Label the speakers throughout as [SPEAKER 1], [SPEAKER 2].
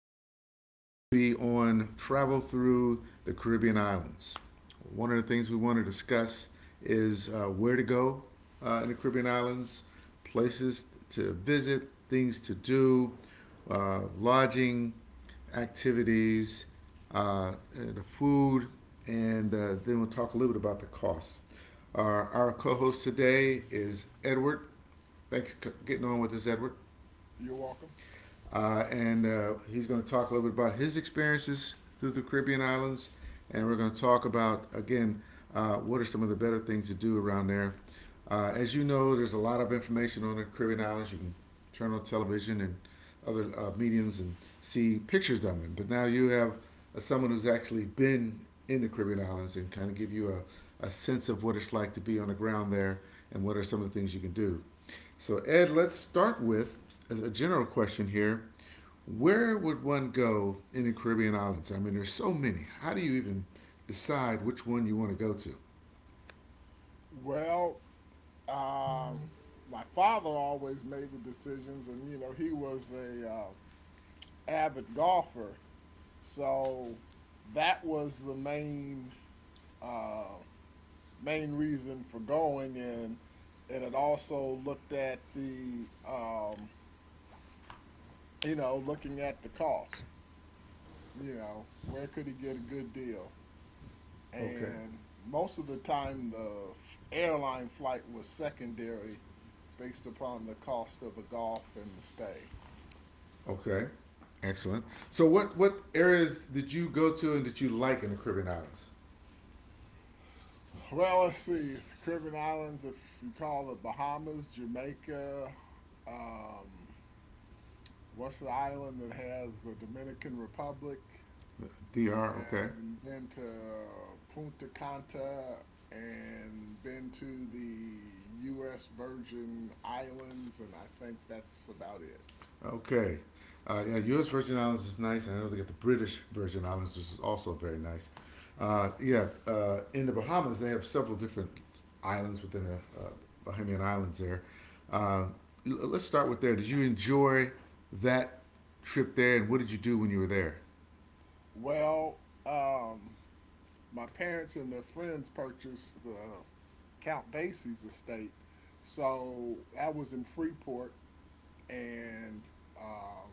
[SPEAKER 1] podcast will be on travel through the Caribbean islands. One of the things we want to discuss is where to go in the Caribbean islands, places to visit, things to do, lodging, activities, the food, and then we'll talk a little bit about the costs. Our co host today is Edward. Thanks for getting on with us, Edward.
[SPEAKER 2] You're welcome.
[SPEAKER 1] And he's going to talk a little bit about his experiences through the Caribbean islands. And we're going to talk about, again, what are some of the better things to do around there. As you know, there's a lot of information on the Caribbean islands. You can turn on television and other mediums and see pictures of them. But now you have someone who's actually been in the Caribbean islands and kind of give you a sense of what it's like to be on the ground there and what are some of the things you can do. So, Ed, let's start with as a general question here, where would one go in the Caribbean islands? I mean, there's so many. How do you even decide which one you want to go to?
[SPEAKER 2] Well, uh, my father always made the decisions, and you know he was a avid golfer, so that was the main uh, main reason for going, and it also looked at the you know looking at the cost. You know where could he get a good deal?
[SPEAKER 1] Okay.
[SPEAKER 2] And most of the time the airline flight was secondary based upon the cost of the golf and the stay.
[SPEAKER 1] Okay, excellent. So, what areas did you go to and did you like in the Caribbean islands?
[SPEAKER 2] Well, let's see. The Caribbean islands, if you call it Bahamas, Jamaica, what's the island that has the Dominican Republic,
[SPEAKER 1] D R, okay.
[SPEAKER 2] and been to Punta Cana and been to the U.S. Virgin Islands, and I think that's about it.
[SPEAKER 1] Okay. Yeah, U.S. Virgin Islands is nice, and I know they got the British Virgin Islands, which is also very nice. Yeah, in the Bahamas, they have several different islands within the uh, Bahamian Islands there. Uh, let's start with there. Did you enjoy that trip there, and what did you do when you were there?
[SPEAKER 2] Well, um, my parents and their friends purchased the Count Basie's estate. So that was in Freeport, and um,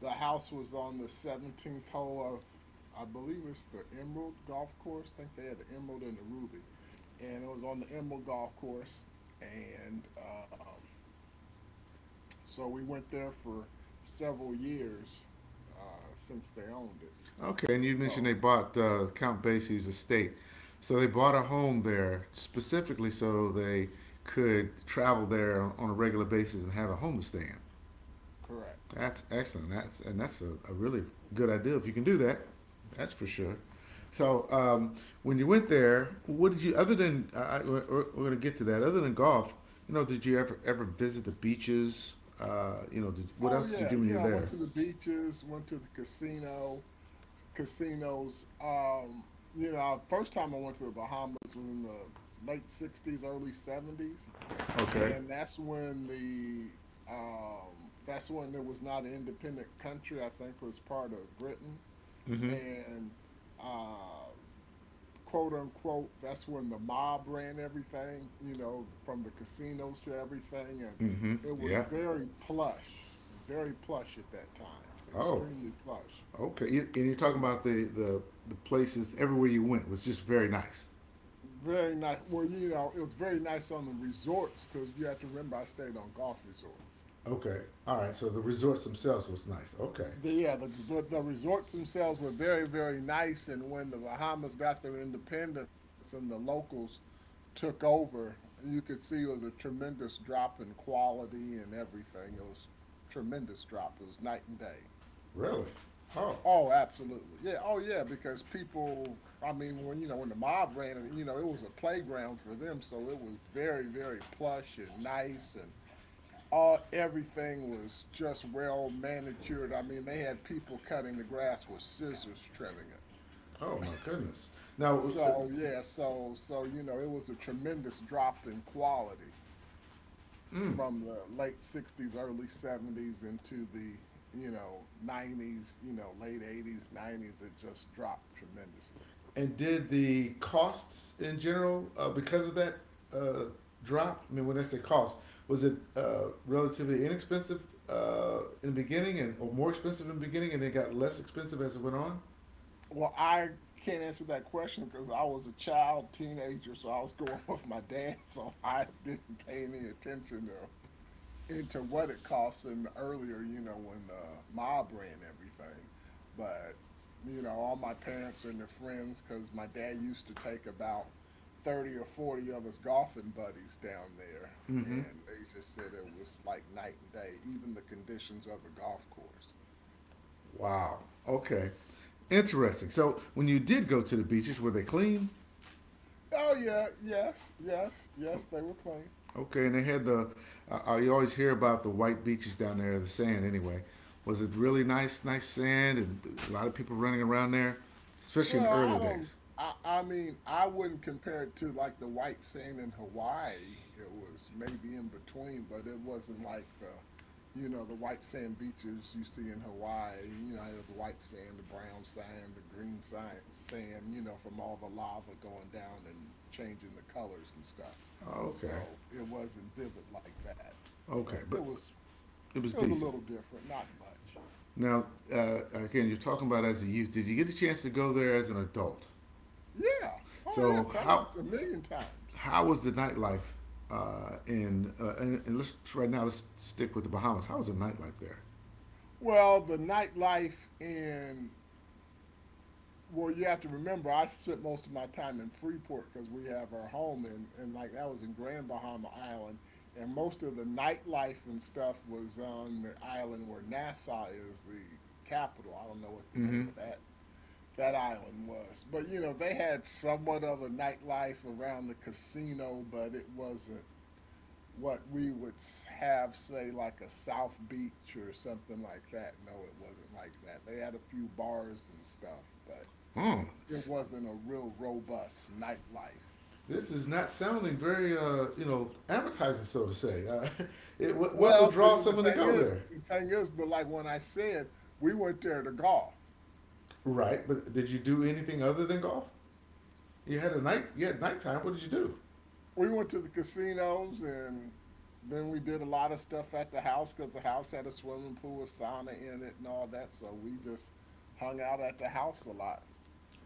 [SPEAKER 2] the house was on the 17th hole of, I believe it's the Emerald Golf Course. I think they had the Emerald and the Ruby. And it was on the Emerald Golf Course. And so we went there for several years uh, since they owned it.
[SPEAKER 1] Okay, and you mentioned
[SPEAKER 2] So,
[SPEAKER 1] they bought Count Basie's estate. So they bought a home there specifically so they could travel there on a regular basis and have a home to stay in.
[SPEAKER 2] correct.
[SPEAKER 1] That's excellent. That's and that's a really good idea if you can do that. That's for sure. So when you went there, what did you other than we're going to get to that. Other than golf, you know, did you ever visit the beaches? You know, did, what
[SPEAKER 2] Oh,
[SPEAKER 1] else did you
[SPEAKER 2] yeah,
[SPEAKER 1] do when you
[SPEAKER 2] yeah.
[SPEAKER 1] were
[SPEAKER 2] I went
[SPEAKER 1] there?
[SPEAKER 2] to the beaches, went to the casinos. You know, first time I went to the Bahamas was in the late '60s, early '70s,
[SPEAKER 1] Okay.
[SPEAKER 2] and that's when the that's when it was not an independent country. I think it was part of Britain,
[SPEAKER 1] Mm-hmm.
[SPEAKER 2] and uh, quote unquote, that's when the mob ran everything, you know, from the casinos to everything. And
[SPEAKER 1] Mm-hmm.
[SPEAKER 2] it was
[SPEAKER 1] Yeah.
[SPEAKER 2] very plush at that time,
[SPEAKER 1] Oh.
[SPEAKER 2] extremely plush.
[SPEAKER 1] Okay. You, and you're talking
[SPEAKER 2] And
[SPEAKER 1] about the places everywhere you went was just very nice.
[SPEAKER 2] very nice. Well, you know, it was very nice on the resorts because you have to remember I stayed on golf resorts.
[SPEAKER 1] Okay. All right. So the resorts themselves was nice. Okay.
[SPEAKER 2] But the resorts themselves were very, very nice. And when the Bahamas got their independence and the locals took over, you could see it was a tremendous drop in quality and everything. It was tremendous drop. It was night and day.
[SPEAKER 1] Really? Oh.
[SPEAKER 2] Oh, absolutely. Yeah. Oh, yeah. Because people, I mean, when you know when the mob ran it, you know, it was a playground for them. So it was very, very plush and nice, and all everything was just well manicured. I mean, they had people cutting the grass with scissors trimming it.
[SPEAKER 1] Oh my goodness! Now, uh,
[SPEAKER 2] So yeah, you know, it was a tremendous drop in quality
[SPEAKER 1] mm,
[SPEAKER 2] from the late 60s, early 70s into the, you know, 90s, you know, late 80s, 90s, it just dropped tremendously.
[SPEAKER 1] and did the costs in general because of that uh, drop? I mean, when I say cost, was it relatively inexpensive in the beginning, and or more expensive in the beginning, and then got less expensive as it went on?
[SPEAKER 2] Well, I can't answer that question because I was a child, teenager, so I was going with my dad, so I didn't pay any attention to into what it cost them earlier, you know, when the mob ran everything. But, you know, all my parents and their friends, because my dad used to take about 30 or 40 of his golfing buddies down there.
[SPEAKER 1] Mm-hmm.
[SPEAKER 2] And they just said it was like night and day, even the conditions of the golf course.
[SPEAKER 1] Wow. Okay. Interesting. So when you did go to the beaches, were they clean?
[SPEAKER 2] Oh, yeah, yes, yes, yes, they were clean.
[SPEAKER 1] Okay, and they had the. You always hear about the white beaches down there, the sand. Anyway, was it really nice, nice sand, and a lot of people running around there, especially in
[SPEAKER 2] Well,
[SPEAKER 1] the early
[SPEAKER 2] I don't.
[SPEAKER 1] days.
[SPEAKER 2] I, I mean, I wouldn't compare it to like the white sand in Hawaii. It was maybe in between, but it wasn't like you know, the white sand beaches you see in Hawaii. You know, the white sand, the brown sand, the green sand. You know, from all the lava going down and changing the colors and stuff.
[SPEAKER 1] Oh, okay,
[SPEAKER 2] So it wasn't vivid like that, but
[SPEAKER 1] okay, but it was
[SPEAKER 2] it was a
[SPEAKER 1] decent.
[SPEAKER 2] little different, not much.
[SPEAKER 1] Now, again, you're talking about as a youth. Did you get a chance to go there as an adult?
[SPEAKER 2] Yeah. Oh yeah,
[SPEAKER 1] So how
[SPEAKER 2] tons, a million times.
[SPEAKER 1] how was the nightlife and let's right now let's stick with the Bahamas. How was the nightlife there?
[SPEAKER 2] Well, the nightlife in well, you have to remember, I spent most of my time in Freeport because we have our home in, and like that was in Grand Bahama Island, and most of the nightlife and stuff was on the island where Nassau is the capital. I don't know what the name
[SPEAKER 1] Mm-hmm.
[SPEAKER 2] of that island was, but you know they had somewhat of a nightlife around the casino, but it wasn't what we would have say like a South Beach or something like that. No, it wasn't like that. They had a few bars and stuff, but
[SPEAKER 1] Oh,
[SPEAKER 2] it wasn't a real robust nightlife.
[SPEAKER 1] this is not sounding very, you know, appetizing, so to say. It, what would
[SPEAKER 2] Well, but
[SPEAKER 1] draw someone to go there?
[SPEAKER 2] but like when I said, we went there to golf.
[SPEAKER 1] Right, but did you do anything other than golf? You had a night, you had nighttime. What did you do?
[SPEAKER 2] We went to the casinos and then we did a lot of stuff at the house because the house had a swimming pool, a sauna in it, and all that. So we just hung out at the house a lot.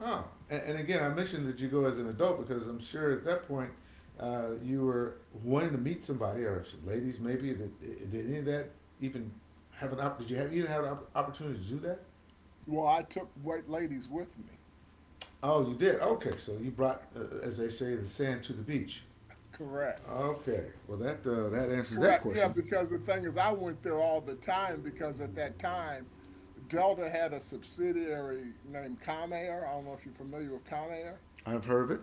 [SPEAKER 1] Oh, and again, I mentioned that you go as an adult because I'm sure at that point you were wanting to meet somebody or some ladies maybe. Did any of that even have an op? Did you have an opportunity to do that?
[SPEAKER 2] Well, I took white ladies with me.
[SPEAKER 1] Oh, you did. Okay, so you brought, as they say, the sand to the beach.
[SPEAKER 2] Correct.
[SPEAKER 1] Okay. Well, that that answers that
[SPEAKER 2] Correct. Yeah,
[SPEAKER 1] question.
[SPEAKER 2] because the thing is, I went there all the time because at that time, Delta had a subsidiary named Comair. I don't know if you're familiar with Comair.
[SPEAKER 1] I've heard of it.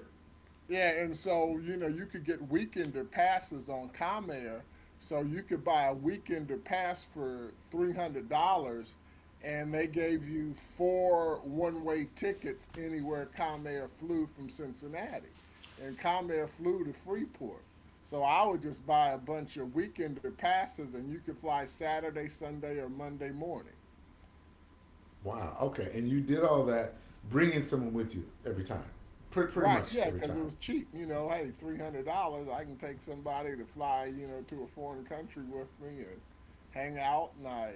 [SPEAKER 2] Yeah, and so you know you could get weekender passes on Comair, so you could buy a weekender pass for $300, and they gave you four one-way tickets anywhere Comair flew from Cincinnati, and Comair flew to Freeport. So I would just buy a bunch of weekender passes, and you could fly Saturday, Sunday, or Monday morning.
[SPEAKER 1] Wow. Okay. And you did all that, bringing someone with you every time, pretty, pretty
[SPEAKER 2] Right,
[SPEAKER 1] much
[SPEAKER 2] yeah,
[SPEAKER 1] every
[SPEAKER 2] because it
[SPEAKER 1] time.
[SPEAKER 2] was cheap, you know. Hey, $300, I can take somebody to fly, you know, to a foreign country with me and hang out, and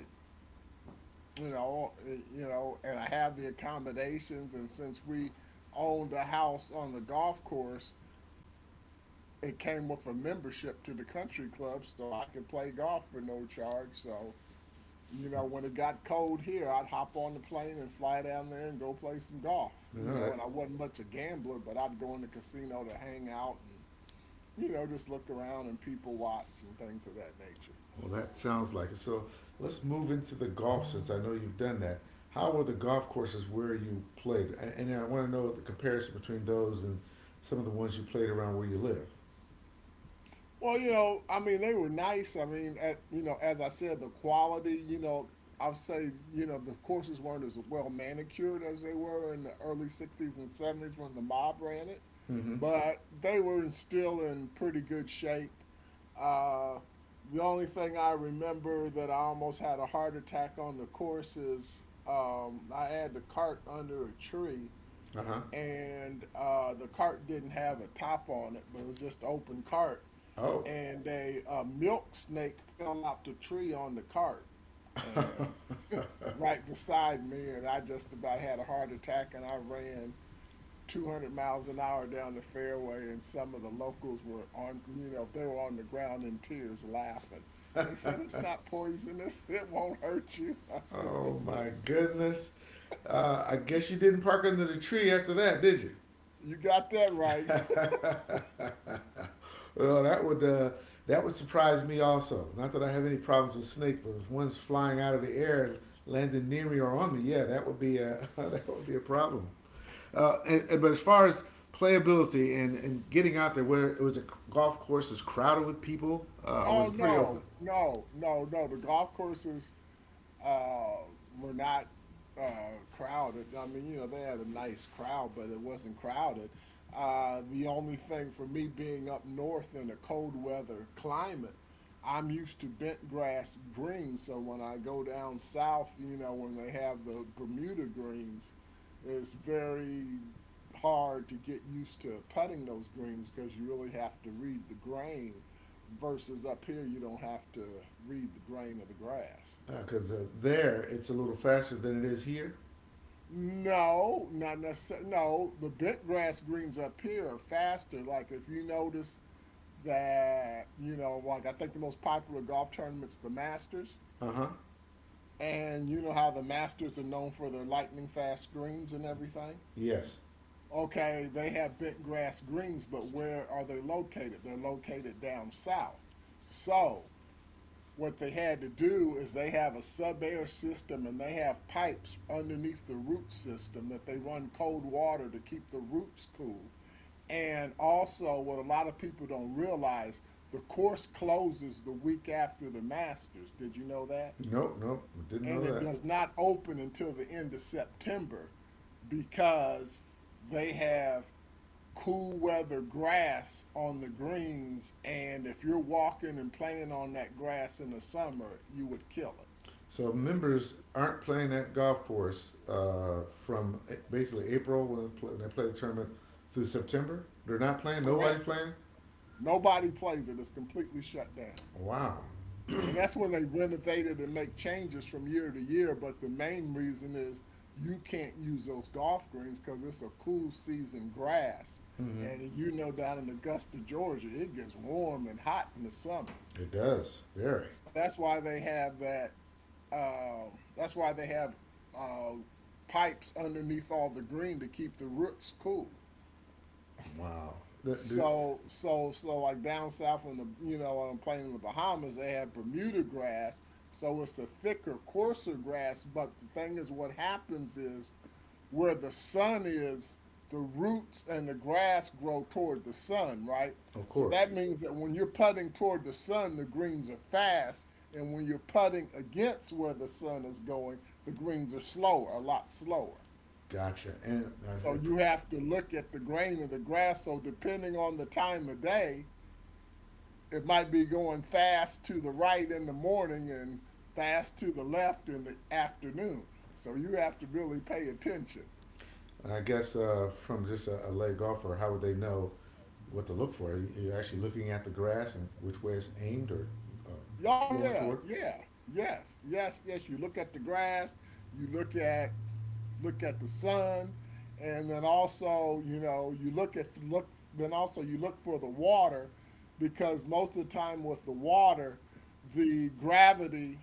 [SPEAKER 2] you know, you know, and I have the accommodations. And since we owned a house on the golf course, it came with a membership to the country club, so I could play golf for no charge. So, you know,
[SPEAKER 1] Hmm.
[SPEAKER 2] when it got cold here, I'd hop on the plane and fly down there and go play some golf,
[SPEAKER 1] You
[SPEAKER 2] you
[SPEAKER 1] know
[SPEAKER 2] know.
[SPEAKER 1] that.
[SPEAKER 2] And I wasn't much a gambler, but I'd go in the casino to hang out and you know, just look around and people watch and things of that nature.
[SPEAKER 1] Well, that sounds like it. So let's move into the golf since I know you've done that. How were the golf courses where you played? And I want to know the comparison between those and some of the ones you played around where you live.
[SPEAKER 2] Well, you know, I mean, they were nice. I mean, you know, as I said, the quality, you know, I would say, you know, the courses weren't as well manicured as they were in the early 60s and 70s when the mob ran it,
[SPEAKER 1] Mm-hmm.
[SPEAKER 2] but they were still in pretty good shape. Uh, the only thing I remember that I almost had a heart attack on the course is I had the cart under a tree
[SPEAKER 1] Uh huh.
[SPEAKER 2] and the cart didn't have a top on it, but it was just an open cart.
[SPEAKER 1] Oh.
[SPEAKER 2] And a, milk snake fell out the tree on the cart, and right beside me, and I just about had a heart attack, and I ran 200 miles an hour down the fairway, and some of the locals were on, you know, they were on the ground in tears laughing. They said it's not poisonous. It won't hurt you. I said,
[SPEAKER 1] Oh
[SPEAKER 2] yeah.
[SPEAKER 1] my goodness.
[SPEAKER 2] I said,
[SPEAKER 1] I
[SPEAKER 2] yeah.
[SPEAKER 1] guess you didn't park under the tree after that, did you?
[SPEAKER 2] You got that right.
[SPEAKER 1] Well, that would surprise me also. Not that I have any problems with snake, but if one's flying out of the air, and landing near me or on me, yeah, that would be a that would be a problem. And,
[SPEAKER 2] Yeah.
[SPEAKER 1] and- but as far as playability and getting out there, where it was a golf course was crowded with people, or was
[SPEAKER 2] Oh
[SPEAKER 1] it pretty open?
[SPEAKER 2] no, no, no, no. The golf courses uh, were not crowded. I mean, you know, they had a nice crowd, but it wasn't crowded. The only thing for me being up north in a cold weather climate, I'm used to bent grass greens. So when I go down south, you know, when they have the Bermuda greens, it's very hard to get used to putting those greens because you really have to read the grain versus up here you don't have to read the grain of the grass.
[SPEAKER 1] Because there, it's a little faster than it is here.
[SPEAKER 2] No, not necessarily. No, the bent grass greens up here are faster. Like if you notice that, you know, like I think the most popular golf tournament's the Masters,
[SPEAKER 1] Uh huh.
[SPEAKER 2] and you know how the Masters are known for their lightning fast greens and everything.
[SPEAKER 1] Yes.
[SPEAKER 2] Okay, they have bent grass greens, but where are they located? They're located down south. So what they had to do is they have a sub-air system and they have pipes underneath the root system that they run cold water to keep the roots cool. And also, what a lot of people don't realize, the course closes the week after the Masters. Did you know that?
[SPEAKER 1] Nope. Nope. Didn't
[SPEAKER 2] And
[SPEAKER 1] know
[SPEAKER 2] it
[SPEAKER 1] that.
[SPEAKER 2] does not open until the end of September because they have cool weather grass on the greens, and if you're walking and playing on that grass in the summer, you would kill it.
[SPEAKER 1] So members aren't playing that golf course from basically April when, it when they play the tournament through September. They're not playing. Nobody's
[SPEAKER 2] Correct.
[SPEAKER 1] playing.
[SPEAKER 2] Nobody plays it. It's completely shut down.
[SPEAKER 1] Wow,
[SPEAKER 2] And that's when they renovate it and make changes from year to year. But the main reason is you can't use those golf greens because it's a cool season grass.
[SPEAKER 1] mm-hmm.
[SPEAKER 2] And you know, down in Augusta, Georgia, it gets warm and hot in the summer.
[SPEAKER 1] It does very
[SPEAKER 2] So that's why they have that that's why they have uh, pipes underneath all the green to keep the roots cool.
[SPEAKER 1] wow. That, that-
[SPEAKER 2] So like down south in the you know on a plane in the Bahamas they have Bermuda grass, so it's the thicker, coarser grass. But the thing is, what happens is where the sun is, the roots and the grass grow toward the sun, right?
[SPEAKER 1] of
[SPEAKER 2] So
[SPEAKER 1] course,
[SPEAKER 2] that means that when you're putting toward the sun, the greens are fast, and when you're putting against where the sun is going, the greens are slower, a lot slower.
[SPEAKER 1] gotcha.
[SPEAKER 2] So you have to look at the grain of the grass. So depending on the time of day, it might be going fast to the right in the morning and fast to the left in the afternoon. So you have to really pay attention.
[SPEAKER 1] And I guess from just a lay golfer, how would they know what to look for? Are you- are actually looking at the grass and which way it's aimed or uh,
[SPEAKER 2] Oh
[SPEAKER 1] flowing
[SPEAKER 2] yeah,
[SPEAKER 1] toward.
[SPEAKER 2] yeah, yes, yes, yes. You look at the grass. You look at the sun, and then also you look at look then also you look for the water because most of the time with the water, the gravity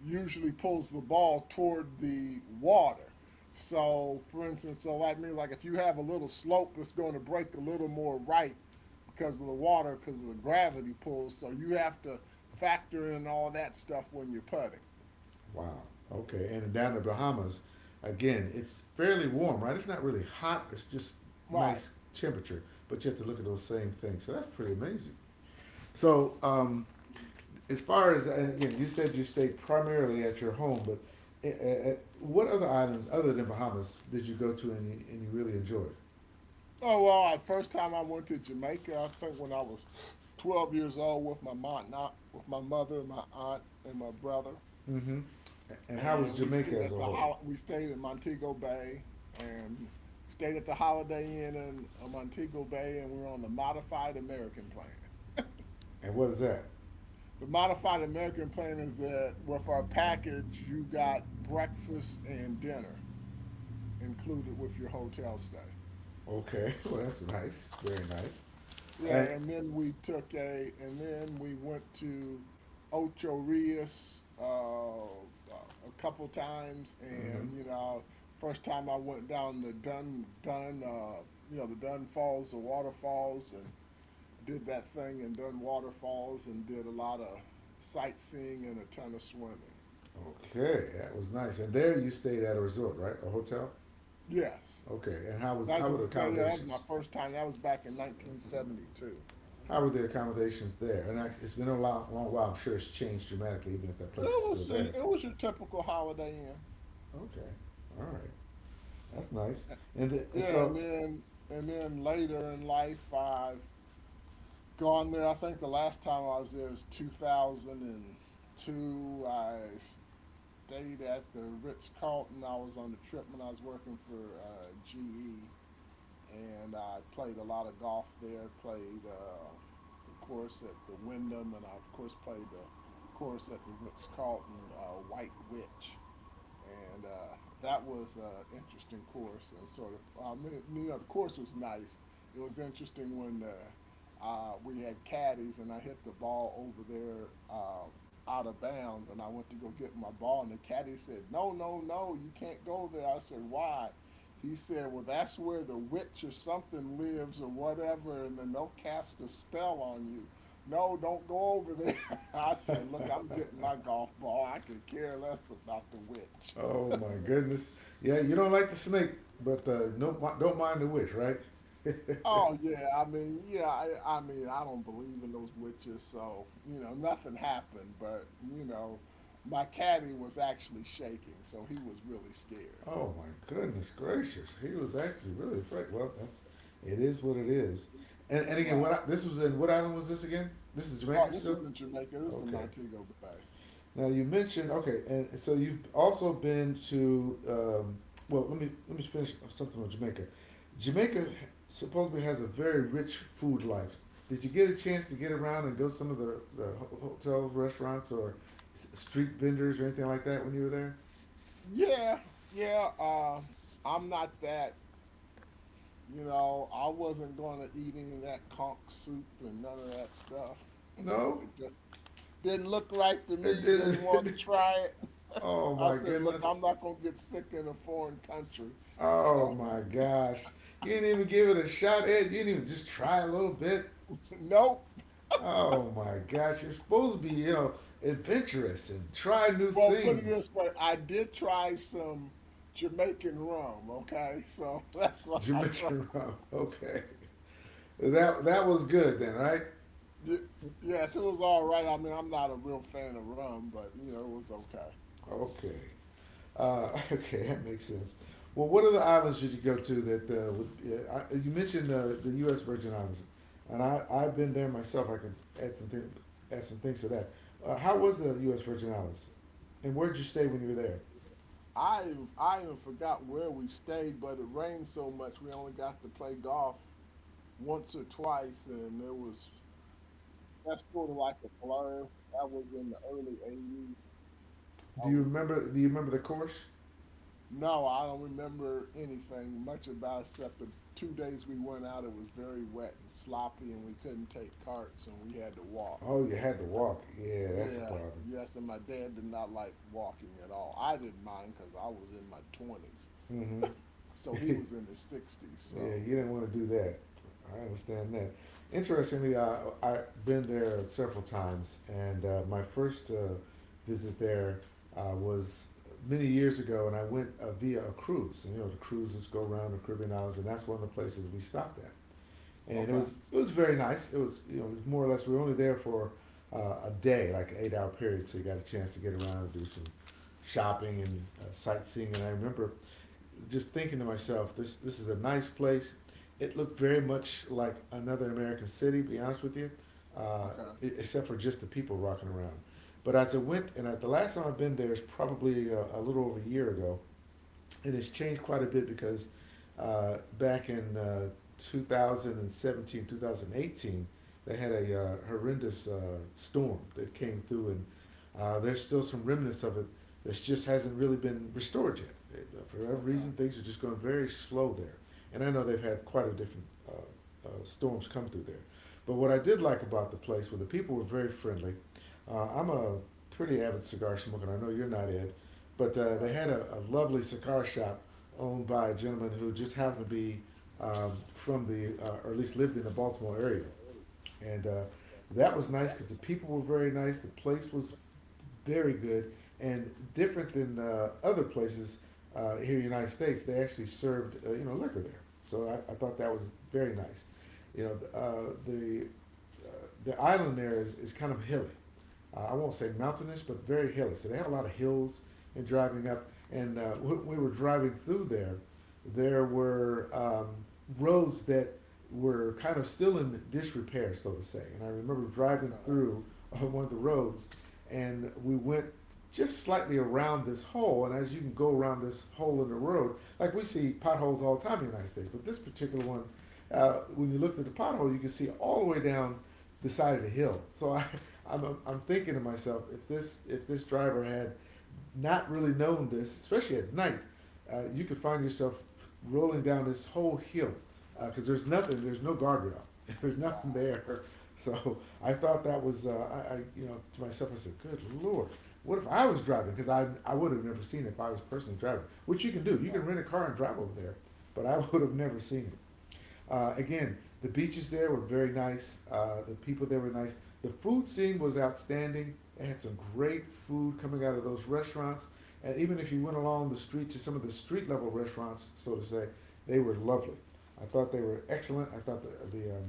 [SPEAKER 2] usually pulls the ball toward the water. So, for instance, so like me, like if you have a little slope, it's going to break a little more right because of the water, because of the gravity pull. So you have to factor in all that stuff when you're putting.
[SPEAKER 1] Wow. Okay. And down in the Bahamas, again, it's fairly warm, right? It's not really hot. It's just
[SPEAKER 2] Right.
[SPEAKER 1] nice temperature. But you have to look at those same things. So that's pretty amazing. So as far as and again, you said you stayed primarily at your home, but a- what other islands other than Bahamas did you go to and you really enjoyed?
[SPEAKER 2] Oh well, the first time I went to Jamaica, I think when I was 12 years old with my mom, not with my mother and my aunt and my brother,
[SPEAKER 1] Mm-hmm. And how was
[SPEAKER 2] and we
[SPEAKER 1] Jamaica
[SPEAKER 2] stayed
[SPEAKER 1] as
[SPEAKER 2] at
[SPEAKER 1] a
[SPEAKER 2] the
[SPEAKER 1] whole?
[SPEAKER 2] we stayed at Montego Bay and stayed at the Holiday Inn in Montego Bay, and we were on the Modified American Plan.
[SPEAKER 1] And what is that?
[SPEAKER 2] The Modified American Plan is that with our package, you got breakfast and dinner included with your hotel stay.
[SPEAKER 1] Okay. Well, that's nice. Very nice. And,
[SPEAKER 2] Yeah, and then we went to Ocho Rios a couple times,
[SPEAKER 1] mhm.
[SPEAKER 2] and you know, first time I went down the Dun Dun, you know, the Dun Falls, the waterfalls, and did that thing in Dun Waterfalls, and did a lot of sightseeing and a ton of swimming.
[SPEAKER 1] Okay, that was nice. And there you stayed at a resort, right? A hotel?
[SPEAKER 2] Yes,
[SPEAKER 1] Okay. And how was how were the
[SPEAKER 2] that was my
[SPEAKER 1] accommodations?
[SPEAKER 2] first time. That was back in 1972.
[SPEAKER 1] How were the accommodations there? And I, it's been a long, long while. I'm sure it's changed dramatically, even if that place is
[SPEAKER 2] It
[SPEAKER 1] still
[SPEAKER 2] was
[SPEAKER 1] there.
[SPEAKER 2] your typical Holiday Inn.
[SPEAKER 1] Okay. All right. That's nice. And, the, and
[SPEAKER 2] Yeah,
[SPEAKER 1] so,
[SPEAKER 2] and then later in life, I've gone there. I think the last time I was there was 2002. I stayed at the Ritz Carlton. I was on the trip when I was working for GE, and I played a lot of golf there. Played the course at the Wyndham, and I of course played the course at the Ritz Carlton, White Witch, and that was an interesting course and sort of you know, the course was nice. It was interesting when we had caddies and I hit the ball over there, out of bounds, and I went to go get my ball and the caddy said, no, no, no, you can't go there. I said, why? He said, well, that's where the witch or something lives or whatever, and then they'll cast a spell on you. No, don't go over there. I said, look, I'm getting my golf ball. I could care less about the witch.
[SPEAKER 1] oh my goodness. Yeah, you don't like the snake, but no, don't mind the witch, right?
[SPEAKER 2] Oh yeah, I mean, yeah, I mean, I don't believe in those witches, so you know, nothing happened. But you know, my caddy was actually shaking, so he was really scared.
[SPEAKER 1] Oh my goodness gracious. He was actually really afraid. Well, that's it is what it is. And again,
[SPEAKER 2] Right.
[SPEAKER 1] what I, this was in what island was this again? This is
[SPEAKER 2] Oh,
[SPEAKER 1] Jamaica
[SPEAKER 2] this
[SPEAKER 1] still.
[SPEAKER 2] was in Jamaica. This is in
[SPEAKER 1] Okay.
[SPEAKER 2] Montego Bay.
[SPEAKER 1] Now you mentioned okay, and so you've also been to well. Let me finish something on Jamaica. Jamaica supposedly has a very rich food life. Did you get a chance to get around and go to some of the uh, hotels, restaurants, or street vendors or anything like that when you were there?
[SPEAKER 2] Yeah, yeah. I'm not that. You know, I wasn't going to eat any of that conch soup and none of that stuff.
[SPEAKER 1] No,
[SPEAKER 2] It just didn't look right to
[SPEAKER 1] it
[SPEAKER 2] me, didn't want
[SPEAKER 1] didn't.
[SPEAKER 2] to try it.
[SPEAKER 1] Oh
[SPEAKER 2] I
[SPEAKER 1] my
[SPEAKER 2] said, look,
[SPEAKER 1] goodness.
[SPEAKER 2] I'm not going to get sick in a foreign country.
[SPEAKER 1] Oh
[SPEAKER 2] So,
[SPEAKER 1] my gosh. You didn't even give it a shot, Ed. You didn't even just try a little bit.
[SPEAKER 2] nope.
[SPEAKER 1] Oh my gosh, you're supposed to be, you know, adventurous and try new
[SPEAKER 2] Well, put it
[SPEAKER 1] things.
[SPEAKER 2] this way, I did try some Jamaican rum, okay? So that's what I tried.
[SPEAKER 1] Jamaican rum. Okay. That that was good then, right?
[SPEAKER 2] Y- Yes, it was all right. I mean, I'm not a real fan of rum, but you know, it was okay.
[SPEAKER 1] Okay. Okay, that makes sense. Well, what other islands should you go to that I, you mentioned the U.S. Virgin Islands, and I I've been there myself. I can add some thing, add some things to that. How was the U.S. Virgin Islands, and where did you stay when you were there?
[SPEAKER 2] I even forgot where we stayed, but it rained so much we only got to play golf once or twice, and it was that's sort of like a blur. That was in the early '80s. I
[SPEAKER 1] Do you
[SPEAKER 2] was there.
[SPEAKER 1] remember? Do you remember the course?
[SPEAKER 2] No, I don't remember anything much about it except the 2 days we went out. It was very wet and sloppy, and we couldn't take carts, and we had to walk.
[SPEAKER 1] Oh, you had to walk. Yeah, that's a
[SPEAKER 2] Yeah,
[SPEAKER 1] problem.
[SPEAKER 2] yes, and my dad did not like walking at all. I didn't mind because I was in my 20s.
[SPEAKER 1] Hmm.
[SPEAKER 2] So he
[SPEAKER 1] Yeah,
[SPEAKER 2] was in the 60s.
[SPEAKER 1] you
[SPEAKER 2] So,
[SPEAKER 1] didn't want to do that. I understand that. Interestingly, I I've been there several times, and my first visit there was many years ago, and I went via a cruise. And, you know, the cruises go around the Caribbean islands, and that's one of the places we stopped at. And
[SPEAKER 2] okay,
[SPEAKER 1] it was very nice. It was you know it was more or less we were only there for a day, like an 8 hour period, so you got a chance to get around and do some shopping and sightseeing. And I remember just thinking to myself, this is a nice place. It looked very much like another American city, to be honest with you, uh,
[SPEAKER 2] okay,
[SPEAKER 1] except for just the people rocking around. But as I went, and the last time I've been there is probably a little over a year ago, it has changed quite a bit because back in 2017, they had a horrendous storm that came through, and there's still some remnants of it that just hasn't really been restored yet. For whatever
[SPEAKER 2] okay,
[SPEAKER 1] reason, things are just going very slow there. And I know they've had quite a different storms come through there. But what I did like about the place were the people were very friendly. I'm a pretty avid cigar smoker, and I know you're not, Ed. But they
[SPEAKER 2] right,
[SPEAKER 1] had a lovely cigar shop owned by a gentleman who just happened to be from the, or at least lived in the Baltimore area. And that was nice because the people were very nice, the place was very good, and different than other places here in the United States. They actually served, liquor there. So I thought that was very nice. You know, uh, the, uh, the island there is kind of hilly. I won't say mountainous, but very hilly. So they have a lot of hills and driving up. And when we were driving through there, there were roads that were kind of still in disrepair, so to say. And I remember driving
[SPEAKER 2] okay,
[SPEAKER 1] through on one of the roads, and we went just slightly around this hole. And as you can go around this hole in the road, like we see potholes all the time in the United States, but this particular one, when you looked at the pothole, you could see all the way down the side of the hill. So I'm thinking to myself, if this driver had not really known this, especially at night, you could find yourself rolling down this whole hill because there's nothing, there's no guardrail, there's nothing
[SPEAKER 2] wow,
[SPEAKER 1] there. So I thought that was, to myself, I said, good lord, what if I was driving? Because I would have never seen it if I was personally driving, which you can do. You
[SPEAKER 2] right,
[SPEAKER 1] can rent a car and drive over there, but I would have never seen it. Again, the beaches there were very nice. The people there were nice. The food scene was outstanding. They had some great food coming out of those restaurants. And even if you went along the street to some of the street level restaurants, so to say, they were lovely. I thought they were excellent. I thought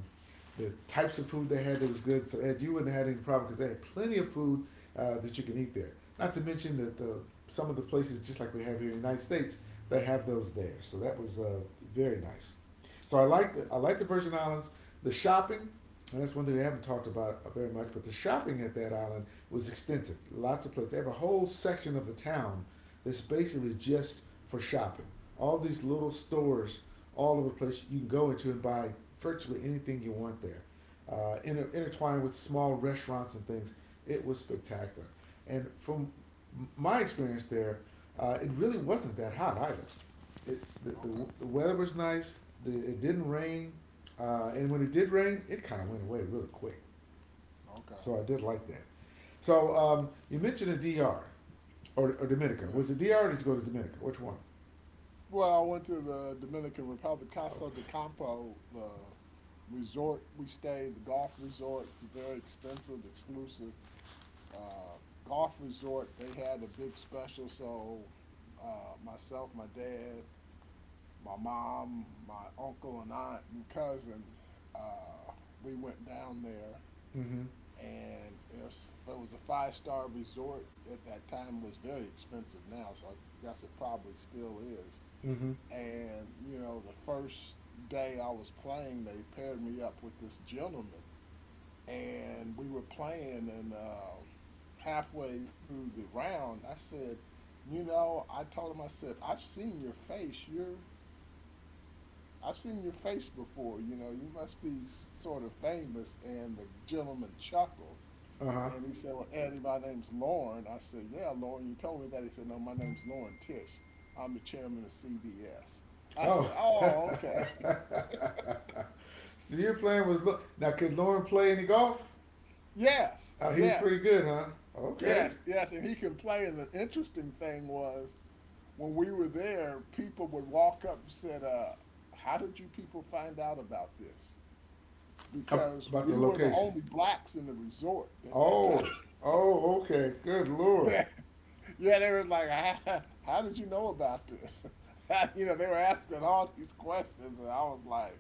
[SPEAKER 1] the types of food they had that was good. So Ed, you wouldn't have had any problem because they had plenty of food that you can eat there. Not to mention that the some of the places, just like we have here in the United States, they have those there. So that was very nice. So I like the
[SPEAKER 2] okay,
[SPEAKER 1] I like the Virgin Islands. The shopping, and that's one thing we haven't talked about very much, but the shopping at that island was extensive. Lots of places. They have a whole section of the town that's basically just for shopping. All these little stores all over the place you can go into and buy virtually anything you want there. Intertwined with small restaurants and things. It was spectacular. And from my experience there, it really wasn't that hot either. it, the,
[SPEAKER 2] okay,
[SPEAKER 1] the, the weather was nice. It didn't rain, and when it did rain, it kind of went away really quick.
[SPEAKER 2] okay,
[SPEAKER 1] So I did like that. So you mentioned the DR or Dominica.
[SPEAKER 2] yeah.
[SPEAKER 1] Was it DR or did you go to Dominica? Which one?
[SPEAKER 2] Well, I went to the Dominican Republic,
[SPEAKER 1] Oh.
[SPEAKER 2] Casa de Campo, the resort we stayed, the golf resort. It's a very expensive, exclusive golf resort. They had a big special, so myself, my dad, my mom, my uncle and aunt and cousin, uh, we went down there,
[SPEAKER 1] Mm-hmm.
[SPEAKER 2] and it was a five-star resort. At that time it was very expensive. Now, so I guess it probably still is.
[SPEAKER 1] Mm-hmm.
[SPEAKER 2] And you know, the first day I was playing they paired me up with this gentleman, and we were playing, and halfway through the round I said, you know, I told him, I said, I've seen your face before. You know, you must be sort of famous. And the gentleman chuckled,
[SPEAKER 1] Uh-huh.
[SPEAKER 2] and he said, well, Andy, my name's Lauren. I said, yeah, Lauren, you told me that. He said, no, my name's Lauren Tish. I'm the chairman of CBS. I
[SPEAKER 1] Oh.
[SPEAKER 2] said, oh, okay.
[SPEAKER 1] So your plan was look, now could Lauren play any golf?
[SPEAKER 2] Yes,
[SPEAKER 1] He was pretty
[SPEAKER 2] yes,
[SPEAKER 1] good, huh? Okay.
[SPEAKER 2] yes, yes. And he can play. And the interesting thing was when we were there, people would walk up and said, how did you people find out about this? Because
[SPEAKER 1] About the
[SPEAKER 2] we were the
[SPEAKER 1] location.
[SPEAKER 2] only blacks in the resort at that time.
[SPEAKER 1] Oh. Oh, okay. Good lord.
[SPEAKER 2] Yeah, they were like, how did you know about this? You know, they were asking all these questions, and I was like,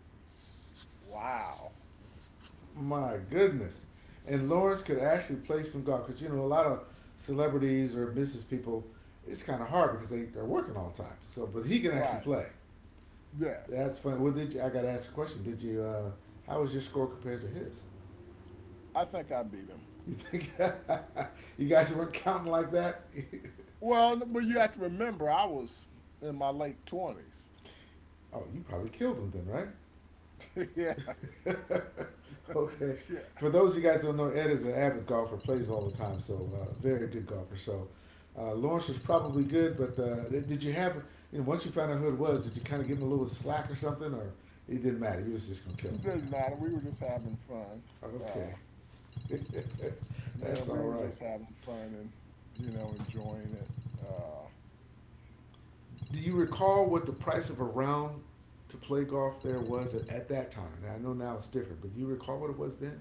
[SPEAKER 2] wow.
[SPEAKER 1] My goodness. And Lawrence could actually play some golf because, you know, a lot of celebrities or business people, it's kind of hard because they are working all the time. So, but he can actually
[SPEAKER 2] Right.
[SPEAKER 1] play.
[SPEAKER 2] Yes.
[SPEAKER 1] That's funny. Well, I got to ask a question. Did you, how was your score compared to his?
[SPEAKER 2] I think I beat him.
[SPEAKER 1] You think you guys weren't counting like that?
[SPEAKER 2] Well, but you have to remember, I was in my late 20s.
[SPEAKER 1] Oh, you probably killed him then, right?
[SPEAKER 2] Yeah.
[SPEAKER 1] Okay.
[SPEAKER 2] Yeah.
[SPEAKER 1] For those of you guys who don't know, Ed is an avid golfer, plays all the time, so very good golfer. So Lawrence was probably good, but you know, once you found out who it was, did you kind of give him a little slack or something, or it didn't matter? He was just going to kill him
[SPEAKER 2] It doesn't matter. We were just having fun.
[SPEAKER 1] anyhow.
[SPEAKER 2] Uh,
[SPEAKER 1] Okay.
[SPEAKER 2] yeah,
[SPEAKER 1] That's
[SPEAKER 2] we
[SPEAKER 1] all
[SPEAKER 2] were
[SPEAKER 1] right.
[SPEAKER 2] just having fun and, you know, enjoying it. Uh,
[SPEAKER 1] Do you recall what the price of a round to play golf there was at that time? Now, I know now it's different, but do you recall what it was then?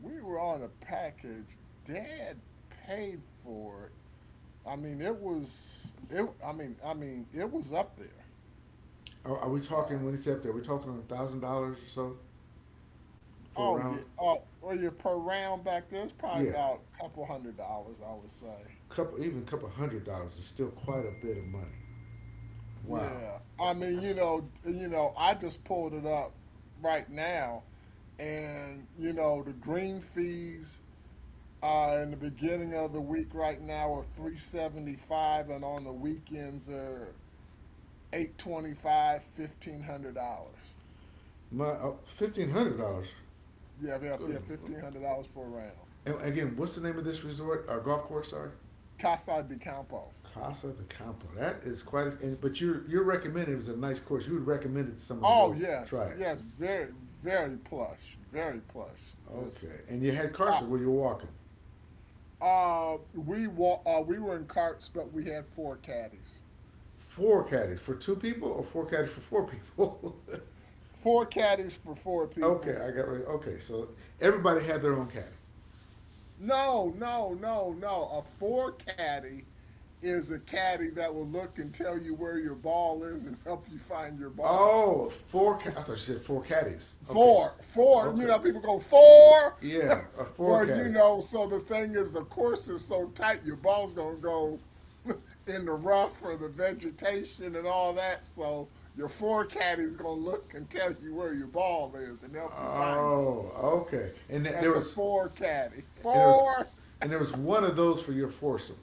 [SPEAKER 2] we were on a package. Dad paid for it. I mean, it was it. I mean, it was up there.
[SPEAKER 1] Are we talking when he said up there? Are we talking $1,000 or so for a
[SPEAKER 2] Oh
[SPEAKER 1] round?
[SPEAKER 2] yeah. Oh, or your Per round back there, it's probably
[SPEAKER 1] Yeah,
[SPEAKER 2] about a couple $100, I would say.
[SPEAKER 1] couple even a couple $100 is still quite a bit of money. Wow,
[SPEAKER 2] Yeah. I mean, you know, I just pulled it up right now, and you know, the green fees in the beginning of the week right now are 375, and on the weekends are 825, $1,500.
[SPEAKER 1] my $1,500.
[SPEAKER 2] Yeah, yeah, yeah,
[SPEAKER 1] Good. Lord.
[SPEAKER 2] $1,500 for a round.
[SPEAKER 1] And again, what's the name of this resort or golf course? Sorry,
[SPEAKER 2] Casa de Campo.
[SPEAKER 1] Casa de Campo. That is quite. And, but you're recommending it was a nice course. You would recommend it to someone to
[SPEAKER 2] Oh
[SPEAKER 1] go
[SPEAKER 2] yes,
[SPEAKER 1] try it.
[SPEAKER 2] yes, very, very plush, very plush.
[SPEAKER 1] Oh,
[SPEAKER 2] Just
[SPEAKER 1] okay, and you had Carson
[SPEAKER 2] top.
[SPEAKER 1] where you were walking.
[SPEAKER 2] We were in carts, but we had four caddies.
[SPEAKER 1] Four caddies for two people or four caddies for four people?
[SPEAKER 2] Four caddies for four
[SPEAKER 1] Okay,
[SPEAKER 2] people.
[SPEAKER 1] I got rid. Of, Okay, so everybody had their own caddy.
[SPEAKER 2] No, no, no, no. A four caddy is a caddy that will look and tell you where your ball is and help you find your ball.
[SPEAKER 1] Oh, four. I thought you said four caddies. Okay,
[SPEAKER 2] Four, four. You
[SPEAKER 1] okay,
[SPEAKER 2] know, people go four.
[SPEAKER 1] yeah, a four
[SPEAKER 2] Well, you
[SPEAKER 1] caddy.
[SPEAKER 2] know, so the thing is, the course is so tight, your ball's gonna go in the rough or the vegetation and all that. So your four caddy's gonna look and tell you where your ball is and help you find it.
[SPEAKER 1] Oh, okay. And there
[SPEAKER 2] That's a
[SPEAKER 1] was,
[SPEAKER 2] four caddy.
[SPEAKER 1] and there
[SPEAKER 2] Four,
[SPEAKER 1] was, and there was one of those for your foursome.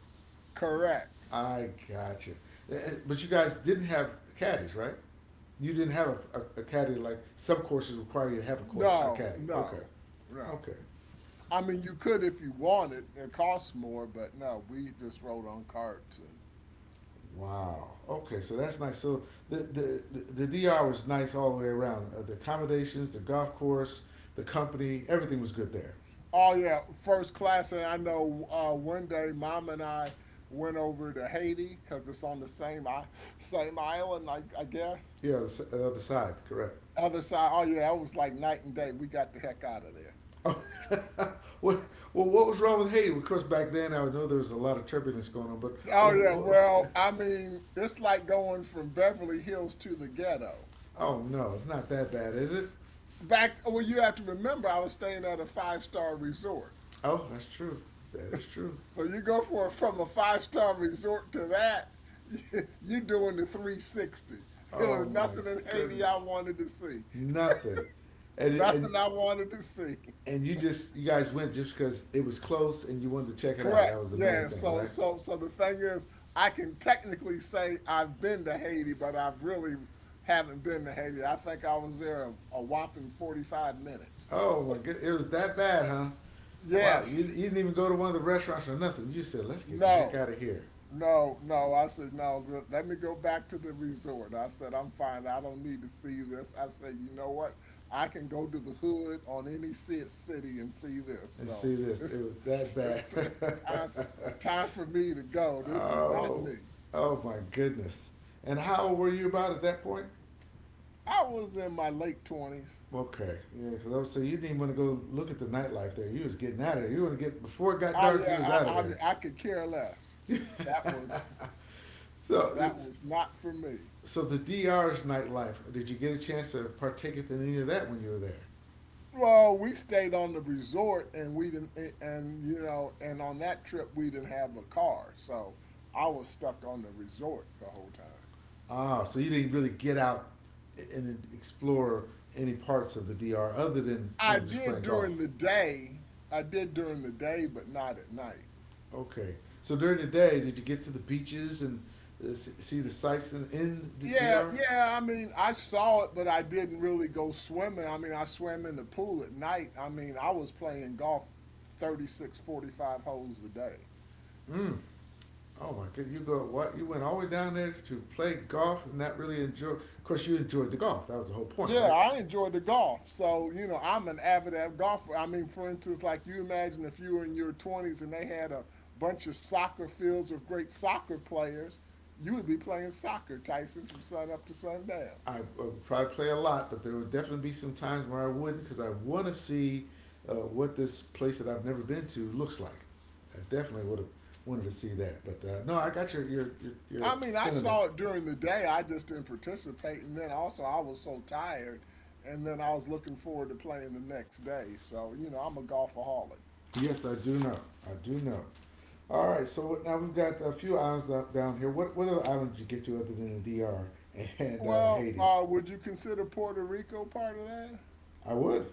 [SPEAKER 2] correct.
[SPEAKER 1] I gotcha. But you guys didn't have caddies, right? You didn't have a caddy like some courses require you to have court a
[SPEAKER 2] No,
[SPEAKER 1] caddy. Okay,
[SPEAKER 2] no, no.
[SPEAKER 1] okay.
[SPEAKER 2] I mean, you could if you wanted. It costs more, but no, we just rode on carts and
[SPEAKER 1] Wow. Okay, so that's nice. So the DR was nice all the way around. The accommodations, the golf course, the company, everything was good there.
[SPEAKER 2] Oh yeah, first class. And I know one day, mom and I went over to Haiti because it's on the same I same island, I guess.
[SPEAKER 1] Yeah, the other side, correct.
[SPEAKER 2] Other side. Oh yeah, that was like night and day. We got the heck out of there.
[SPEAKER 1] Oh, what well, what was wrong with Haiti? Of course, back then I know there was a lot of turbulence going on, but
[SPEAKER 2] Oh yeah.
[SPEAKER 1] what,
[SPEAKER 2] Well, I mean, it's like going from Beverly Hills to the ghetto.
[SPEAKER 1] oh no, it's not that bad, is it?
[SPEAKER 2] Back. Well, you have to remember, I was staying at a five-star resort.
[SPEAKER 1] Oh, that's true. That is true.
[SPEAKER 2] So you go for from a five-star resort to that, you doing the 360. It
[SPEAKER 1] Oh
[SPEAKER 2] was
[SPEAKER 1] my
[SPEAKER 2] nothing in Haiti I
[SPEAKER 1] goodness,
[SPEAKER 2] wanted to see.
[SPEAKER 1] nothing, and and
[SPEAKER 2] Nothing I wanted to see.
[SPEAKER 1] and you just you guys went just because it was close and you wanted to check it out. That
[SPEAKER 2] Correct.
[SPEAKER 1] was the main
[SPEAKER 2] Yeah.
[SPEAKER 1] thing,
[SPEAKER 2] So
[SPEAKER 1] right?
[SPEAKER 2] so so the thing is, I can technically say I've been to Haiti, but I've really haven't been to Haiti. I think I was there a whopping 45 minutes.
[SPEAKER 1] Oh my god, it was that bad, huh? Wow,
[SPEAKER 2] Yes.
[SPEAKER 1] you didn't even go to one of the restaurants or nothing. You just said, "Let's get the heck
[SPEAKER 2] No,
[SPEAKER 1] out of here
[SPEAKER 2] no, no. I said, no, let me go back to the resort. I said, I'm fine. I don't need to see this. I said, you know what? I can go to the hood on any city and see this.
[SPEAKER 1] and
[SPEAKER 2] So
[SPEAKER 1] see this."
[SPEAKER 2] it's,
[SPEAKER 1] It was that bad.
[SPEAKER 2] it's time, for me to go. This is not
[SPEAKER 1] Oh,
[SPEAKER 2] me.
[SPEAKER 1] oh my goodness! And how old were you about at that point?
[SPEAKER 2] I was in my late 20s.
[SPEAKER 1] Okay, yeah, because I was saying you didn't even want to go look at the nightlife there. You was getting out of there. You want to get before it got
[SPEAKER 2] I,
[SPEAKER 1] dark. You was
[SPEAKER 2] yeah,
[SPEAKER 1] out of
[SPEAKER 2] I mean, I could care less. That
[SPEAKER 1] there.
[SPEAKER 2] was,
[SPEAKER 1] so
[SPEAKER 2] that was not for me.
[SPEAKER 1] So the DR's nightlife. Did you get a chance to partake in any of that when you were there?
[SPEAKER 2] Well, we stayed on the resort and we didn't, and, you know, and on that trip we didn't have a car. So I was stuck on the resort the whole time.
[SPEAKER 1] Ah, so you didn't really get out and explore any parts of the DR other than, you
[SPEAKER 2] I
[SPEAKER 1] know, just
[SPEAKER 2] did
[SPEAKER 1] playing golf.
[SPEAKER 2] during the day. But not at night.
[SPEAKER 1] Okay. So during the day, did you get to the beaches and uh, see the sights in the
[SPEAKER 2] Yeah,
[SPEAKER 1] DR?
[SPEAKER 2] yeah. I mean, I saw it, but I didn't really go swimming. I mean, I swam in the pool at night. I mean, I was playing golf 36, 45 holes a day.
[SPEAKER 1] Mm. Oh my god, you go what? You went all the way down there to play golf and not really enjoy. Of course, you enjoyed the golf. That was the whole point,
[SPEAKER 2] Yeah,
[SPEAKER 1] right?
[SPEAKER 2] I enjoy the golf. So, you know, I'm an avid golfer. I mean, for instance, like you imagine if you were in your 20s and they had a bunch of soccer fields with great soccer players, you would be playing soccer, Tyson, from sun up to sundown.
[SPEAKER 1] I would probably play a lot, but there would definitely be some times where I wouldn't because I want to see what this place that I've never been to looks like. I definitely would have wanted to see that. But no, I got your, your your
[SPEAKER 2] I
[SPEAKER 1] your
[SPEAKER 2] mean, I
[SPEAKER 1] sentiment.
[SPEAKER 2] saw it during the day. I just didn't participate. And then also, I was so tired. And then I was looking forward to playing the next day. So, you know, I'm a golfaholic.
[SPEAKER 1] Yes, I do know. I do know. All right, so now we've got a few islands down here. What other islands did you get to other than the DR and Haiti?
[SPEAKER 2] Would you consider Puerto Rico part of that?
[SPEAKER 1] I would.